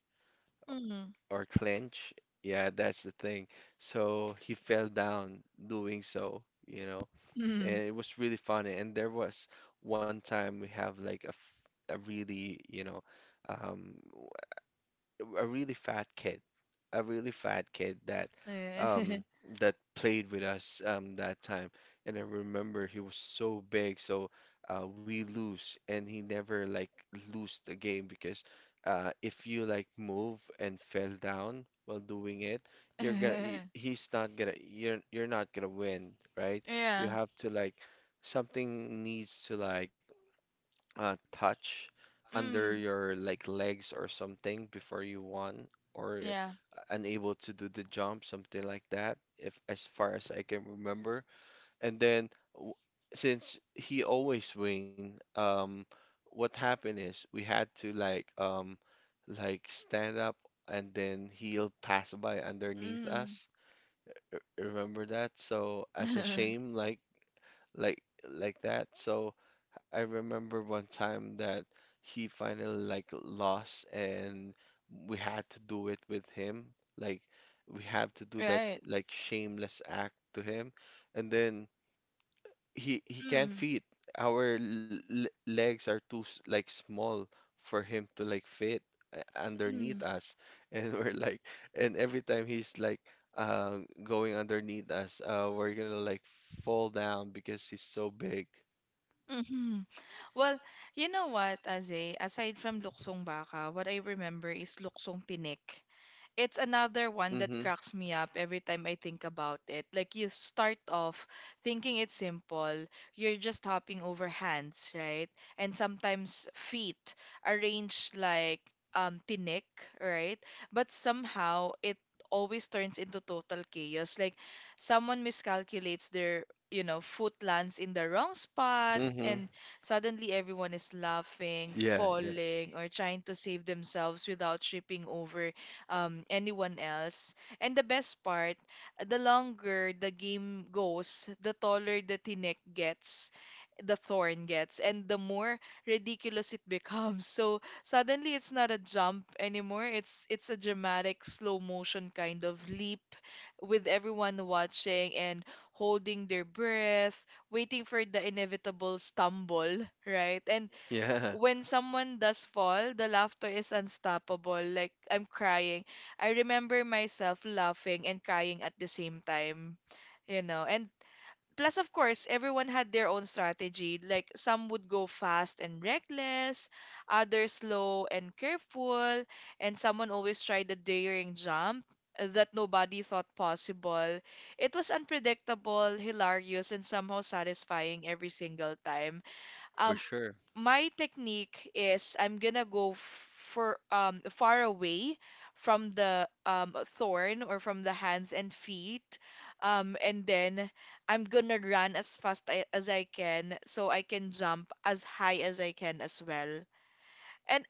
[SPEAKER 1] mm,
[SPEAKER 2] or clench yeah that's the thing so he fell down doing so you know and
[SPEAKER 1] mm.
[SPEAKER 2] it was really funny. And there was one time we have like a really, um, w- a really fat kid a really fat kid that
[SPEAKER 1] Eh,
[SPEAKER 2] um that played with us that time and I remember he was so big so we lose and he never like lose the game because if you like move and fell down while doing it you're gonna he-
[SPEAKER 1] (laughs)
[SPEAKER 2] he's not gonna you're not gonna win, right. You
[SPEAKER 1] yeah.
[SPEAKER 2] have to like something needs to like touch under
[SPEAKER 1] Mm.
[SPEAKER 2] your like legs or something before you won or
[SPEAKER 1] Yeah.
[SPEAKER 2] unable to do the jump, something like that, if as far as I can remember. And then since he always win, what happened is we had to like stand up and then he'll pass by underneath
[SPEAKER 1] Mm.
[SPEAKER 2] us. Remember that? So as a
[SPEAKER 1] (laughs)
[SPEAKER 2] shame, like like like that. So I remember one time that he finally like lost and we had to do it with him. Like we have to do that
[SPEAKER 1] Right.
[SPEAKER 2] like shameless act to him. And then he can't
[SPEAKER 1] Mm.
[SPEAKER 2] fit. Our legs are too like small for him to like fit underneath
[SPEAKER 1] Mm.
[SPEAKER 2] us, (laughs) and we're like, and every time he's like going underneath us, we're gonna like fall down because he's so big.
[SPEAKER 1] Hmm. Well, you know what, Aze? Aside from luksong baka, what I remember is luksong tinik. It's another one that
[SPEAKER 2] Mm-hmm.
[SPEAKER 1] cracks me up every time I think about it. Like you start off thinking it's simple, you're just hopping over hands, right? And sometimes feet arranged like tinik, right? But somehow it always turns into total chaos. Like someone miscalculates their, you know, foot lands in the wrong spot
[SPEAKER 2] Mm-hmm.
[SPEAKER 1] and suddenly, everyone is laughing,
[SPEAKER 2] Yeah, yeah,
[SPEAKER 1] falling, or trying to save themselves without tripping over anyone else. And the best part, the longer the game goes, the taller the tinek gets, the thorn gets, and the more ridiculous it (laughs) becomes. So suddenly, it's not a jump anymore. It's a dramatic, slow motion kind of leap, with everyone watching and holding their breath waiting for the inevitable stumble, right? And
[SPEAKER 2] yeah,
[SPEAKER 1] when someone does fall, the laughter is unstoppable. Like, I'm crying. I remember myself laughing and crying at the same time, you know. And plus of course everyone had their own strategy, like some would go fast and reckless, others slow and careful, and someone always tried a daring jump that nobody thought possible. It was unpredictable, hilarious, and somehow satisfying every single time.
[SPEAKER 2] (laughs) for
[SPEAKER 1] um,
[SPEAKER 2] sure.
[SPEAKER 1] my technique is I'm gonna go for far away from the thorn or from the hands and feet, and then I'm gonna run as fast as I can so I can jump as high as I can as well. And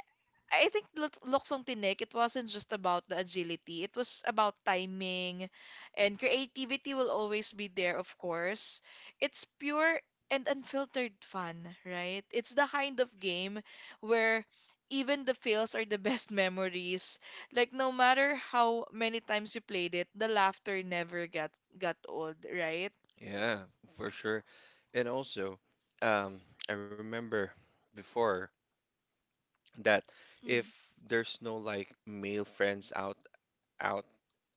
[SPEAKER 1] I think Luxong Tinik, it wasn't just about the agility. It was about timing, and creativity will always be there, of course. It's pure and unfiltered fun, right? It's the kind of game where even the fails are the best (laughs) memories. Like no matter how many times you played it, the laughter never got old, right?
[SPEAKER 2] Yeah, for sure. And also, um, I remember before that
[SPEAKER 1] Mm.
[SPEAKER 2] if there's no like male friends out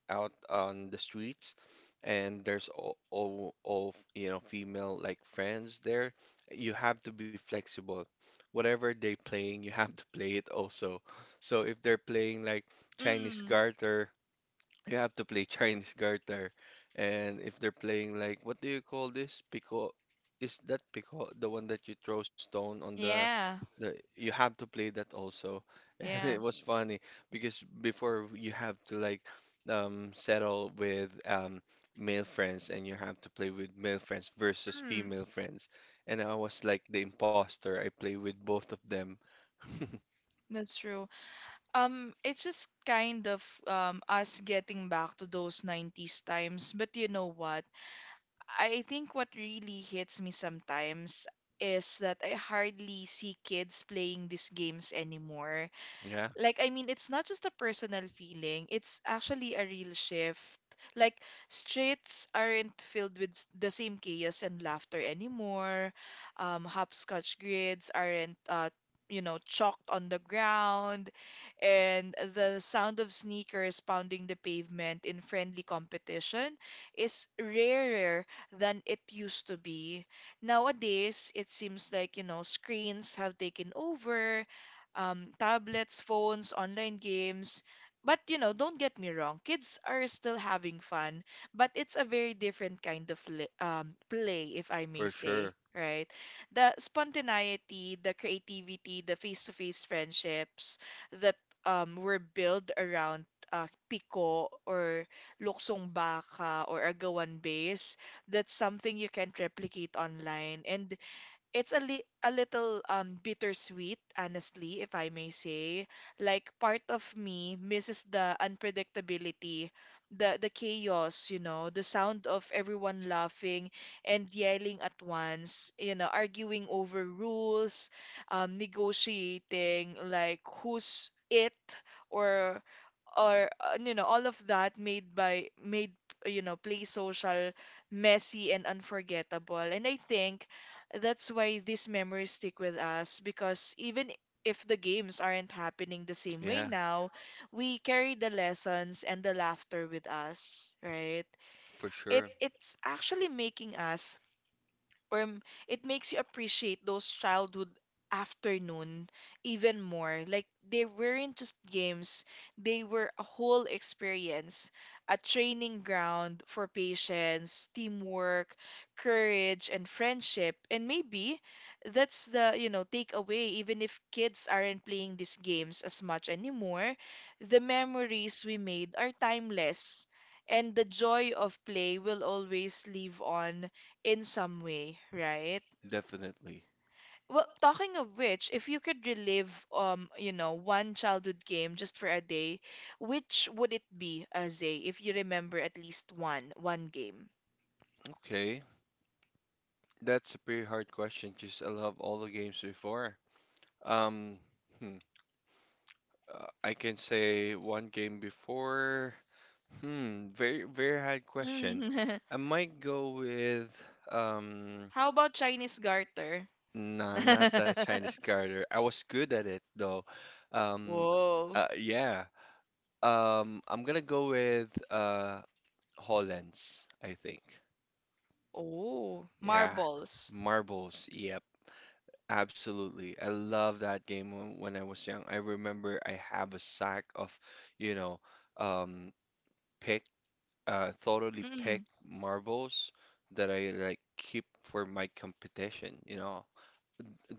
[SPEAKER 2] out on the streets, and there's all female like friends there. You have to be flexible. Whatever they playing, you have to play it also. So if they're playing like Chinese
[SPEAKER 1] Mm.
[SPEAKER 2] garter, you have to play (laughs) Chinese garter. And if they're playing like what do you call this? Pico, is that pico the one that you throw stone on the
[SPEAKER 1] Yeah.
[SPEAKER 2] the you have to play that also. (laughs) And
[SPEAKER 1] Yeah.
[SPEAKER 2] it was funny because before you have to like settle with male friends and you have to play with male friends versus
[SPEAKER 1] Mm,
[SPEAKER 2] female friends. And I was like the imposter. I play with both of them. (laughs)
[SPEAKER 1] that's true. It's just kind of us getting back to those 90s times. But you know what? I think what really hits me sometimes is that I hardly see kids playing these games anymore.
[SPEAKER 2] Yeah,
[SPEAKER 1] Like, I mean, it's not just a personal feeling, it's actually a real shift. Like, streets aren't filled with the same chaos and laughter anymore. Hopscotch grids aren't, you know, chalked on the ground. And the sound of sneakers pounding the pavement in friendly competition is rarer than it used to be. Nowadays, it seems like, you know, screens have taken over, tablets, phones, online games. But you know, don't get me wrong, kids are still having fun, but it's a very different kind of play, if I may
[SPEAKER 2] for
[SPEAKER 1] say,
[SPEAKER 2] sure.
[SPEAKER 1] right? The spontaneity, the creativity, the face-to-face friendships that were built around piko or luksong baka or agawan base, that's something you can't replicate online. And it's a little bittersweet, honestly, if I may say. Like part of me misses the unpredictability, the chaos, you know, the sound of everyone laughing and yelling at once, you know, arguing over rules, negotiating like who's it or you know, all of that made by made, you know, play social, messy, and unforgettable, and I think that's why these memories stick with us because even if the games aren't happening the same
[SPEAKER 2] Yeah,
[SPEAKER 1] way now, we carry the lessons and the laughter with us, right?
[SPEAKER 2] for
[SPEAKER 1] It
[SPEAKER 2] sure.
[SPEAKER 1] it's actually making us or m- it makes you appreciate those childhood afternoon even more. Like they weren't just games, they were a whole experience, a training ground for patience, teamwork, courage, and friendship. And maybe that's the, you know, takeaway, even if kids aren't playing these games as much anymore, the memories we made are timeless. And the joy of play will always live on in some way, right?
[SPEAKER 2] Definitely.
[SPEAKER 1] Well, talking of which, if you could relive, you know, one childhood game just for a day, which would it be, Azay, if you remember at least one game?
[SPEAKER 2] Okay, that's a pretty hard question because I love all the games before. Um, hmm, I can say one game before. Very very hard question.
[SPEAKER 1] Mm.
[SPEAKER 2] I might go with
[SPEAKER 1] (laughs)
[SPEAKER 2] um,
[SPEAKER 1] How about Chinese garter? (laughs)
[SPEAKER 2] nah, not that Chinese Garter. I was good at it though. Um,
[SPEAKER 1] Whoa.
[SPEAKER 2] yeah. I'm gonna go with Hollands, I think.
[SPEAKER 1] Oh,
[SPEAKER 2] Yeah,
[SPEAKER 1] marbles.
[SPEAKER 2] marbles. Yep. Absolutely. I love that game when I was young. I remember I have a sack of, you know, um, picked, thoroughly
[SPEAKER 1] Mm,
[SPEAKER 2] picked marbles that I like keep for my competition.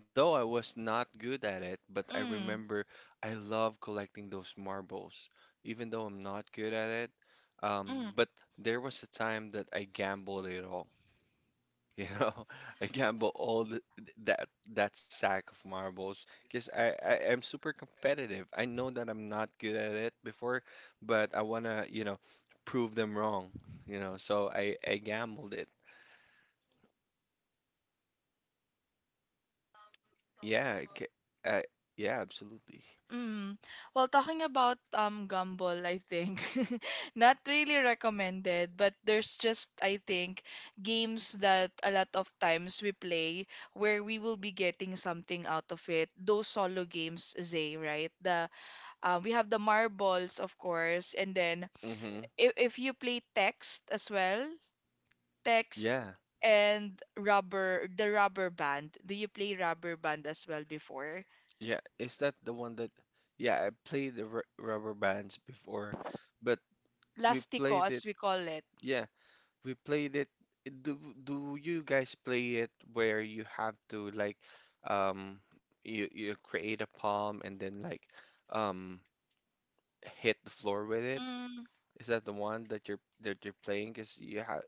[SPEAKER 2] Though I was not good at it, but I
[SPEAKER 1] mm,
[SPEAKER 2] remember I love collecting those marbles, even though I'm not good at it. But
[SPEAKER 1] mm.
[SPEAKER 2] there was a time that I gambled it all. You know, (laughs) I gamble that sack of marbles because I'm super competitive. I know that I'm not good at it before, but I wanna, prove them wrong. So I gambled it. Yeah, uh, yeah, absolutely.
[SPEAKER 1] Mm. Well, talking about Gumball, I think (laughs) not really recommended, but there's just I think games that a lot of times we play where we will be getting something out of it. Those solo games, Zay, right? The we have the marbles, of course, and then
[SPEAKER 2] Mm-hmm.
[SPEAKER 1] if you play text as well, text
[SPEAKER 2] Yeah,
[SPEAKER 1] and rubber, the rubber band. Do you play rubber band as well before?
[SPEAKER 2] yeah. Is that the one that? Yeah, I played the r rubber bands before, but we
[SPEAKER 1] Lastico,
[SPEAKER 2] played
[SPEAKER 1] as
[SPEAKER 2] it.
[SPEAKER 1] we call it.
[SPEAKER 2] Yeah, we played it. Do do you guys play it where you have to like um you create a palm and then like um hit the floor with it?
[SPEAKER 1] Mm.
[SPEAKER 2] Is that the one that you're playing? 'Cause you have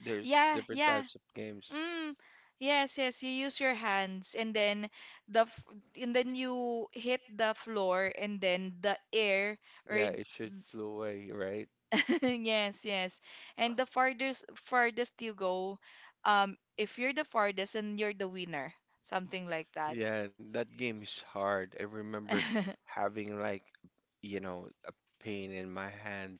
[SPEAKER 2] there's
[SPEAKER 1] Yeah,
[SPEAKER 2] different
[SPEAKER 1] yeah.
[SPEAKER 2] types of games.
[SPEAKER 1] Mm, yes, yes. You use your hands and then the f- and then you hit the floor and then the air
[SPEAKER 2] Yeah,
[SPEAKER 1] or
[SPEAKER 2] it should flew away, right?
[SPEAKER 1] (laughs) yes, yes. And the farthest you go, if you're the farthest, then you're the winner. Something like that.
[SPEAKER 2] Yeah, that game is hard. I remember
[SPEAKER 1] (laughs)
[SPEAKER 2] having like, a pain in my hand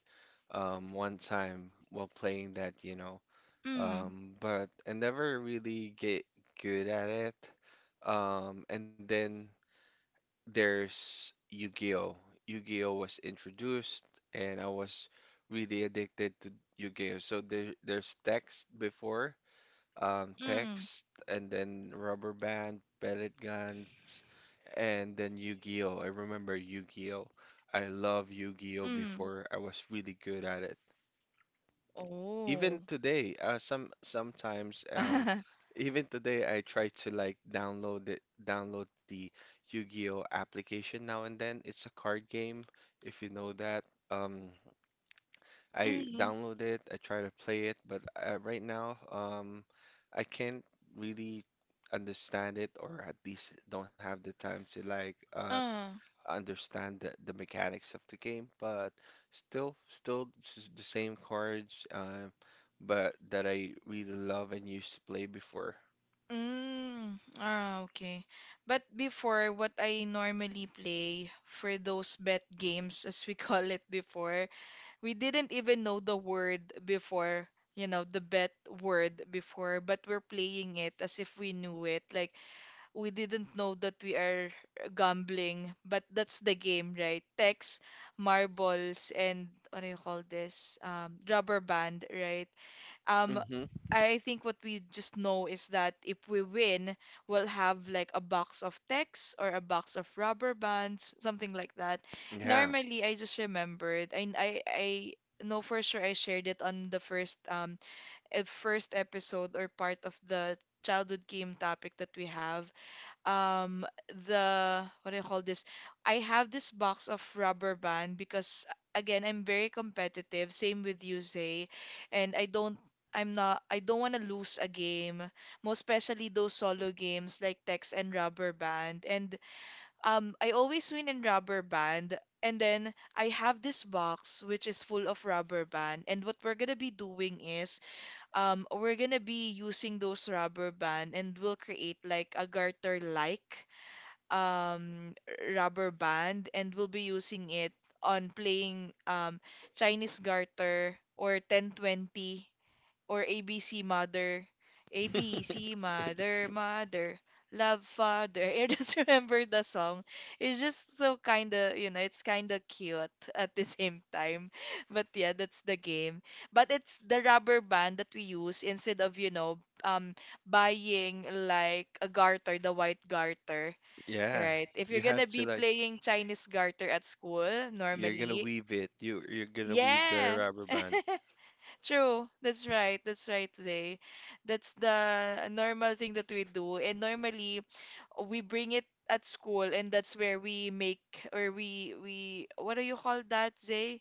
[SPEAKER 2] one time while playing that.
[SPEAKER 1] Mm,
[SPEAKER 2] But I never really get good at it. And then there's Yu-Gi-Oh! Yu-Gi-Oh! Was introduced, and I was really addicted to Yu-Gi-Oh! So there's text before,
[SPEAKER 1] mm,
[SPEAKER 2] text, and then rubber band, pellet guns, and then Yu-Gi-Oh! I remember Yu-Gi-Oh! I love Yu-Gi-Oh!
[SPEAKER 1] mm.
[SPEAKER 2] before, I was really good at it. Even
[SPEAKER 1] Oh.
[SPEAKER 2] today, sometimes,
[SPEAKER 1] (laughs)
[SPEAKER 2] even today, I try to like download it, download the Yu-Gi-Oh application now and then. It's a card game, if you know that. Um, I
[SPEAKER 1] Mm.
[SPEAKER 2] download it, I try to play it, but right now, I can't really understand it, or at least don't have the time to like
[SPEAKER 1] Uh,
[SPEAKER 2] understand the mechanics of the game, but still the same cards, but that I really love and used to play before.
[SPEAKER 1] mm, ah, okay. But before, what I normally play for those bet games, as we (laughs) call it before, we didn't even know the word before, the bet word before, but we're playing it as if we knew it. Like, we didn't know that we are gambling, but that's the game, right? Text, marbles, and what do you call this? Rubber band, right? Um,
[SPEAKER 2] Mm-hmm.
[SPEAKER 1] I think what we just know is that if we win, we'll have like a box of texts or a box of rubber bands, something like that.
[SPEAKER 2] Yeah.
[SPEAKER 1] Normally, I just remembered. I know for sure I shared it on the first first episode or part of the childhood game topic that we have um the what do you call this? I have this box of rubber band because again, I'm very competitive. Same with you, Zay, and I don't want to lose a game, most especially those solo games like Text and Rubber Band. And I always win in Rubber Band. And then I have this box which is full of rubber band. And what we're gonna be doing is we're gonna be using those rubber band and we'll create like a garter like um, rubber band and we'll be using it on playing Chinese garter or 1020 or ABC Mother. ABC
[SPEAKER 2] (laughs) It was-
[SPEAKER 1] Mother, Mother, Love Father. (laughs) I just remember the song. It's just so kind of, it's kind of cute (laughs) at the same time. (laughs) But yeah, that's the game. But it's the rubber band that we use instead of, um buying like a garter, the white garter.
[SPEAKER 2] yeah.
[SPEAKER 1] Right. If
[SPEAKER 2] You
[SPEAKER 1] you're
[SPEAKER 2] have
[SPEAKER 1] gonna
[SPEAKER 2] to
[SPEAKER 1] be
[SPEAKER 2] like
[SPEAKER 1] playing Chinese garter at school,
[SPEAKER 2] you're gonna
[SPEAKER 1] normally,
[SPEAKER 2] weave it. You're gonna weave the
[SPEAKER 1] yeah.
[SPEAKER 2] rubber band.
[SPEAKER 1] (laughs) True, that's right, Zay. That's the normal thing that we do. And normally we bring it at school and that's where we make or we what do you call that, Zay?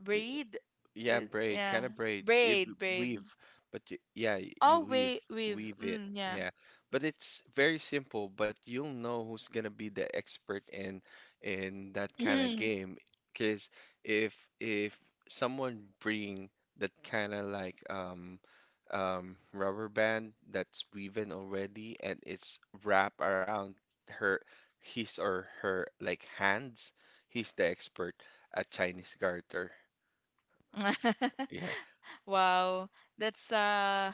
[SPEAKER 1] Braid?
[SPEAKER 2] Yeah, braid,
[SPEAKER 1] Yeah.
[SPEAKER 2] kind of braid. If
[SPEAKER 1] Braid, braid.
[SPEAKER 2] weave, but y yeah, you
[SPEAKER 1] Oh,
[SPEAKER 2] weave
[SPEAKER 1] wait, weave.
[SPEAKER 2] weave it.
[SPEAKER 1] Mm, yeah.
[SPEAKER 2] Yeah. But it's very simple, but you'll know who's gonna be the expert in that kind of
[SPEAKER 1] Mhm.
[SPEAKER 2] game, cause if someone bring that kind of like rubber band that's woven already and it's wrapped around her his or her like hands, he's the expert at Chinese garter.
[SPEAKER 1] (laughs)
[SPEAKER 2] Yeah,
[SPEAKER 1] Wow. That's uh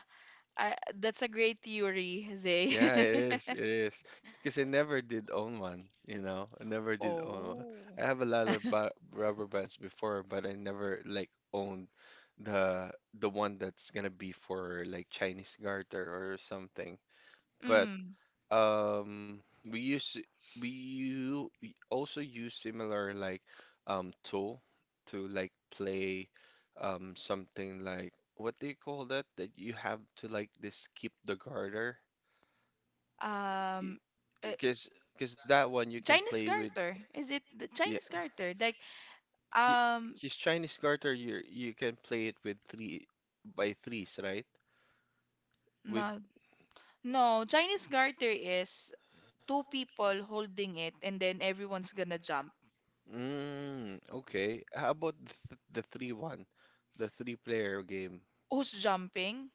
[SPEAKER 1] that's a great theory, Zay.
[SPEAKER 2] yeah, it
[SPEAKER 1] (laughs)
[SPEAKER 2] is. It is. Because I never did own one. I never did own one.
[SPEAKER 1] Oh.
[SPEAKER 2] I have a lot
[SPEAKER 1] (laughs)
[SPEAKER 2] of ba rubber bands before, but I never like owned the one that's gonna be for like Chinese garter or something. But
[SPEAKER 1] Mm.
[SPEAKER 2] um we use we also use similar like tool to like play something like what do you call that you have to like this keep the garter?
[SPEAKER 1] um uh,
[SPEAKER 2] Because that one you can
[SPEAKER 1] Chinese
[SPEAKER 2] play with.
[SPEAKER 1] garter. Is it the
[SPEAKER 2] Yeah,
[SPEAKER 1] Chinese garter? Like, um
[SPEAKER 2] because Chinese garter, you can play it with three by threes, right with
[SPEAKER 1] no, no, Chinese garter is two people holding it and then everyone's gonna jump.
[SPEAKER 2] Okay, how about the three one, the three player game
[SPEAKER 1] Who's jumping?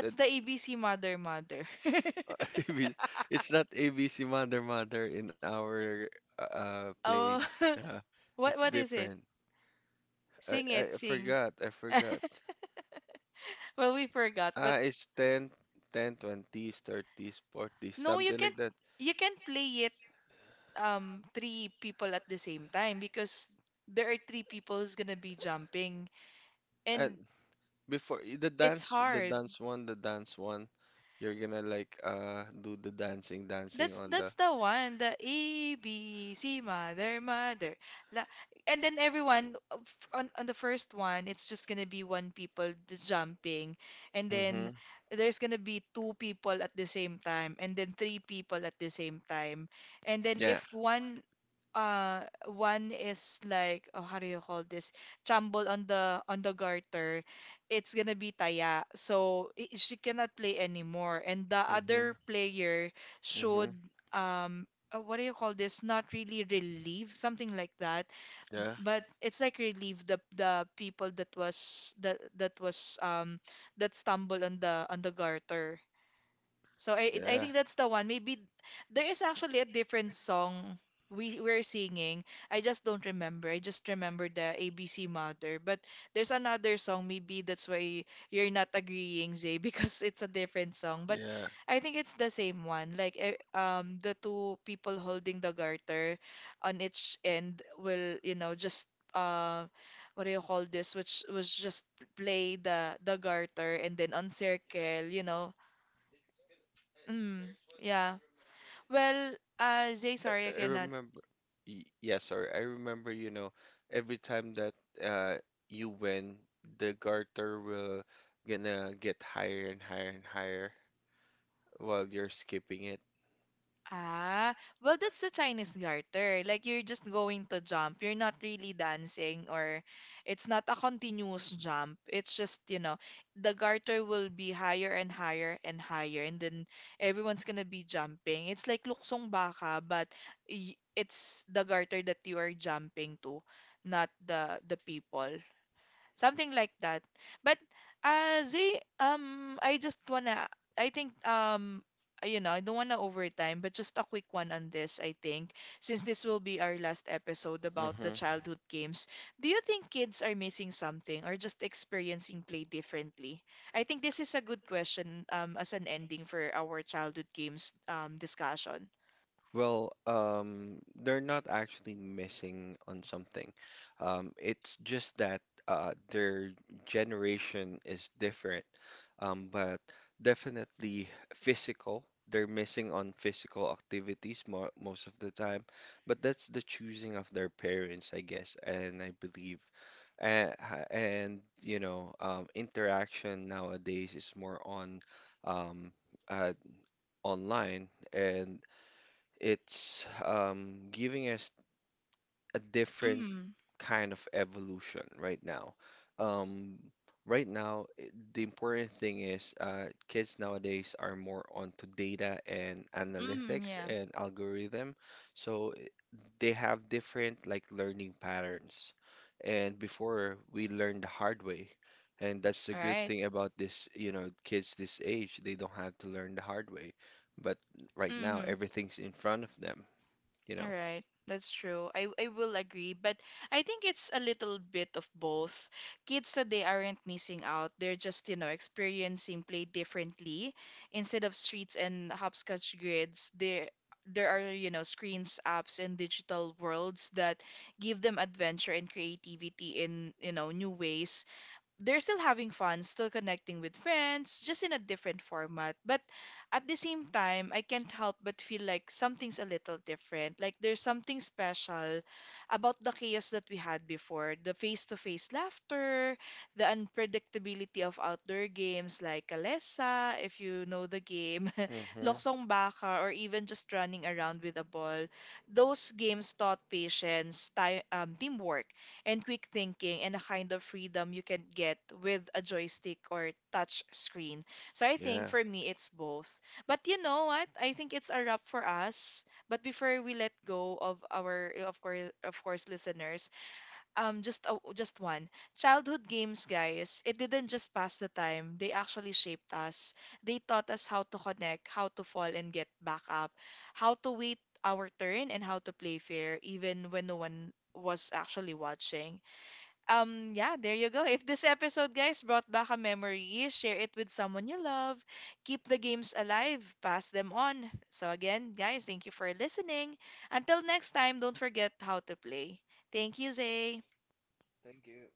[SPEAKER 2] that
[SPEAKER 1] the ABC mother mother. (laughs)
[SPEAKER 2] ABC (laughs) it's not ABC Mother Mother in our
[SPEAKER 1] Oh,
[SPEAKER 2] place,
[SPEAKER 1] (laughs) what
[SPEAKER 2] it's
[SPEAKER 1] what is it?
[SPEAKER 2] different. I,
[SPEAKER 1] Sing it,
[SPEAKER 2] I
[SPEAKER 1] sing.
[SPEAKER 2] forgot I
[SPEAKER 1] (laughs)
[SPEAKER 2] forgot
[SPEAKER 1] Well, we forgot, but
[SPEAKER 2] It's 10, 30s, 40s,
[SPEAKER 1] no,
[SPEAKER 2] something like that.
[SPEAKER 1] you can play three people at the same time because there are three people who's gonna be jumping
[SPEAKER 2] And
[SPEAKER 1] and
[SPEAKER 2] before
[SPEAKER 1] it's hard.
[SPEAKER 2] the dance one, you're gonna like do the dancing, dancing
[SPEAKER 1] That's
[SPEAKER 2] on
[SPEAKER 1] that's
[SPEAKER 2] the.
[SPEAKER 1] the one, the ABC mother mother. La, and then everyone on the first one, it's just gonna be one people jumping, and then
[SPEAKER 2] Mm-hmm.
[SPEAKER 1] there's gonna be two people at the same time, and then three people at the same time, and then
[SPEAKER 2] Yeah.
[SPEAKER 1] if one is like, oh, how do you call this, jumble on the garter. It's gonna be taya, so she cannot play anymore and the
[SPEAKER 2] Mm-hmm.
[SPEAKER 1] other player
[SPEAKER 2] Mm-hmm.
[SPEAKER 1] should um what do you call this, not really relieve, something like that,
[SPEAKER 2] Yeah.
[SPEAKER 1] but it's like relieve the people that stumbled on the garter. So I
[SPEAKER 2] Yeah.
[SPEAKER 1] think that's the one. Maybe there is actually a different song we're singing. I just don't remember. I just remember the ABC Mother. But there's another song. Maybe that's why you're not agreeing, Zay, (laughs) because it's a different song. But
[SPEAKER 2] Yeah.
[SPEAKER 1] I think it's the same one. Like, the two people holding the garter on each end will just uh what do you call this? Which was just play the garter and then on circle. You know? Mm, yeah. Well, Zay,
[SPEAKER 2] I
[SPEAKER 1] sorry, I
[SPEAKER 2] I
[SPEAKER 1] cannot.
[SPEAKER 2] remember, yeah, sorry. I remember, every time that uh you win, the garter will gonna get higher and higher and higher while you're skipping it.
[SPEAKER 1] Ah, well, that's the Chinese garter. Like, you're just going to jump. You're not really dancing, or it's not a continuous jump. It's just, the garter will be higher and higher and higher, and then everyone's gonna be jumping. It's like luksong baka, but it's the garter that you are jumping to, not the people. Something like that. But Zay, I think, I don't wanna overtime, but just a quick one on this, I think, since this will be our last episode about
[SPEAKER 2] Mm-hmm.
[SPEAKER 1] the childhood games. Do you think kids are missing something or just experiencing play differently? I think this is a good question, as an ending for our childhood games, discussion.
[SPEAKER 2] Well, they're not actually missing on something. It's just that their generation is different, but definitely physical. They're missing on physical activities mo most of the time, but that's the choosing of their parents, I guess, and I believe. And, and interaction nowadays is more on um, uh, online, and it's giving us a different
[SPEAKER 1] Mm.
[SPEAKER 2] kind of evolution right now. Um, right now, the important thing is kids nowadays are more onto data and
[SPEAKER 1] Mm,
[SPEAKER 2] analytics
[SPEAKER 1] yeah.
[SPEAKER 2] and algorithm, so they have different like learning patterns. And before, we learned the hard way, and that's the
[SPEAKER 1] All
[SPEAKER 2] good
[SPEAKER 1] right.
[SPEAKER 2] thing about this, kids this age, they don't have to learn the hard way. But right now,
[SPEAKER 1] Mm-hmm.
[SPEAKER 2] everything's in front of them you
[SPEAKER 1] All
[SPEAKER 2] know.
[SPEAKER 1] right, that's true. I will agree, but I think it's a little bit of both. Kids today aren't missing out. They're just, experiencing play differently. Instead of streets and hopscotch grids, there are, screens, apps, and digital worlds that give them adventure and creativity in, new ways. They're still having fun, still connecting with friends, just in a different format. But at the same time, I can't help but feel like something's a little different. Like, there's something special about the chaos that we had before: the face to face laughter, the unpredictability of outdoor games like Kalesa, if you know the game, (laughs)
[SPEAKER 2] Hmm.
[SPEAKER 1] Loksong Baka, or even just running around with a ball. Those games taught patience, time, teamwork, and quick thinking, and a kind of freedom you can get with a joystick or touch screen. So I think
[SPEAKER 2] Yeah.
[SPEAKER 1] for me it's both. But you know what? I think it's a wrap for us. But before we let go of, our of course, of course, listeners, just one. Childhood games, guys, it didn't just pass the time. They actually shaped us. They taught us how to connect, how to fall and get back up, how to wait our turn, and how to play fair even when no one was actually watching. Yeah, there you go. If this episode, guys, brought back a memory, share it with someone you love. Keep the games alive, pass them on. So, again, guys, thank you for listening. Until next time, don't forget how to play. Thank you, Zay.
[SPEAKER 2] Thank you.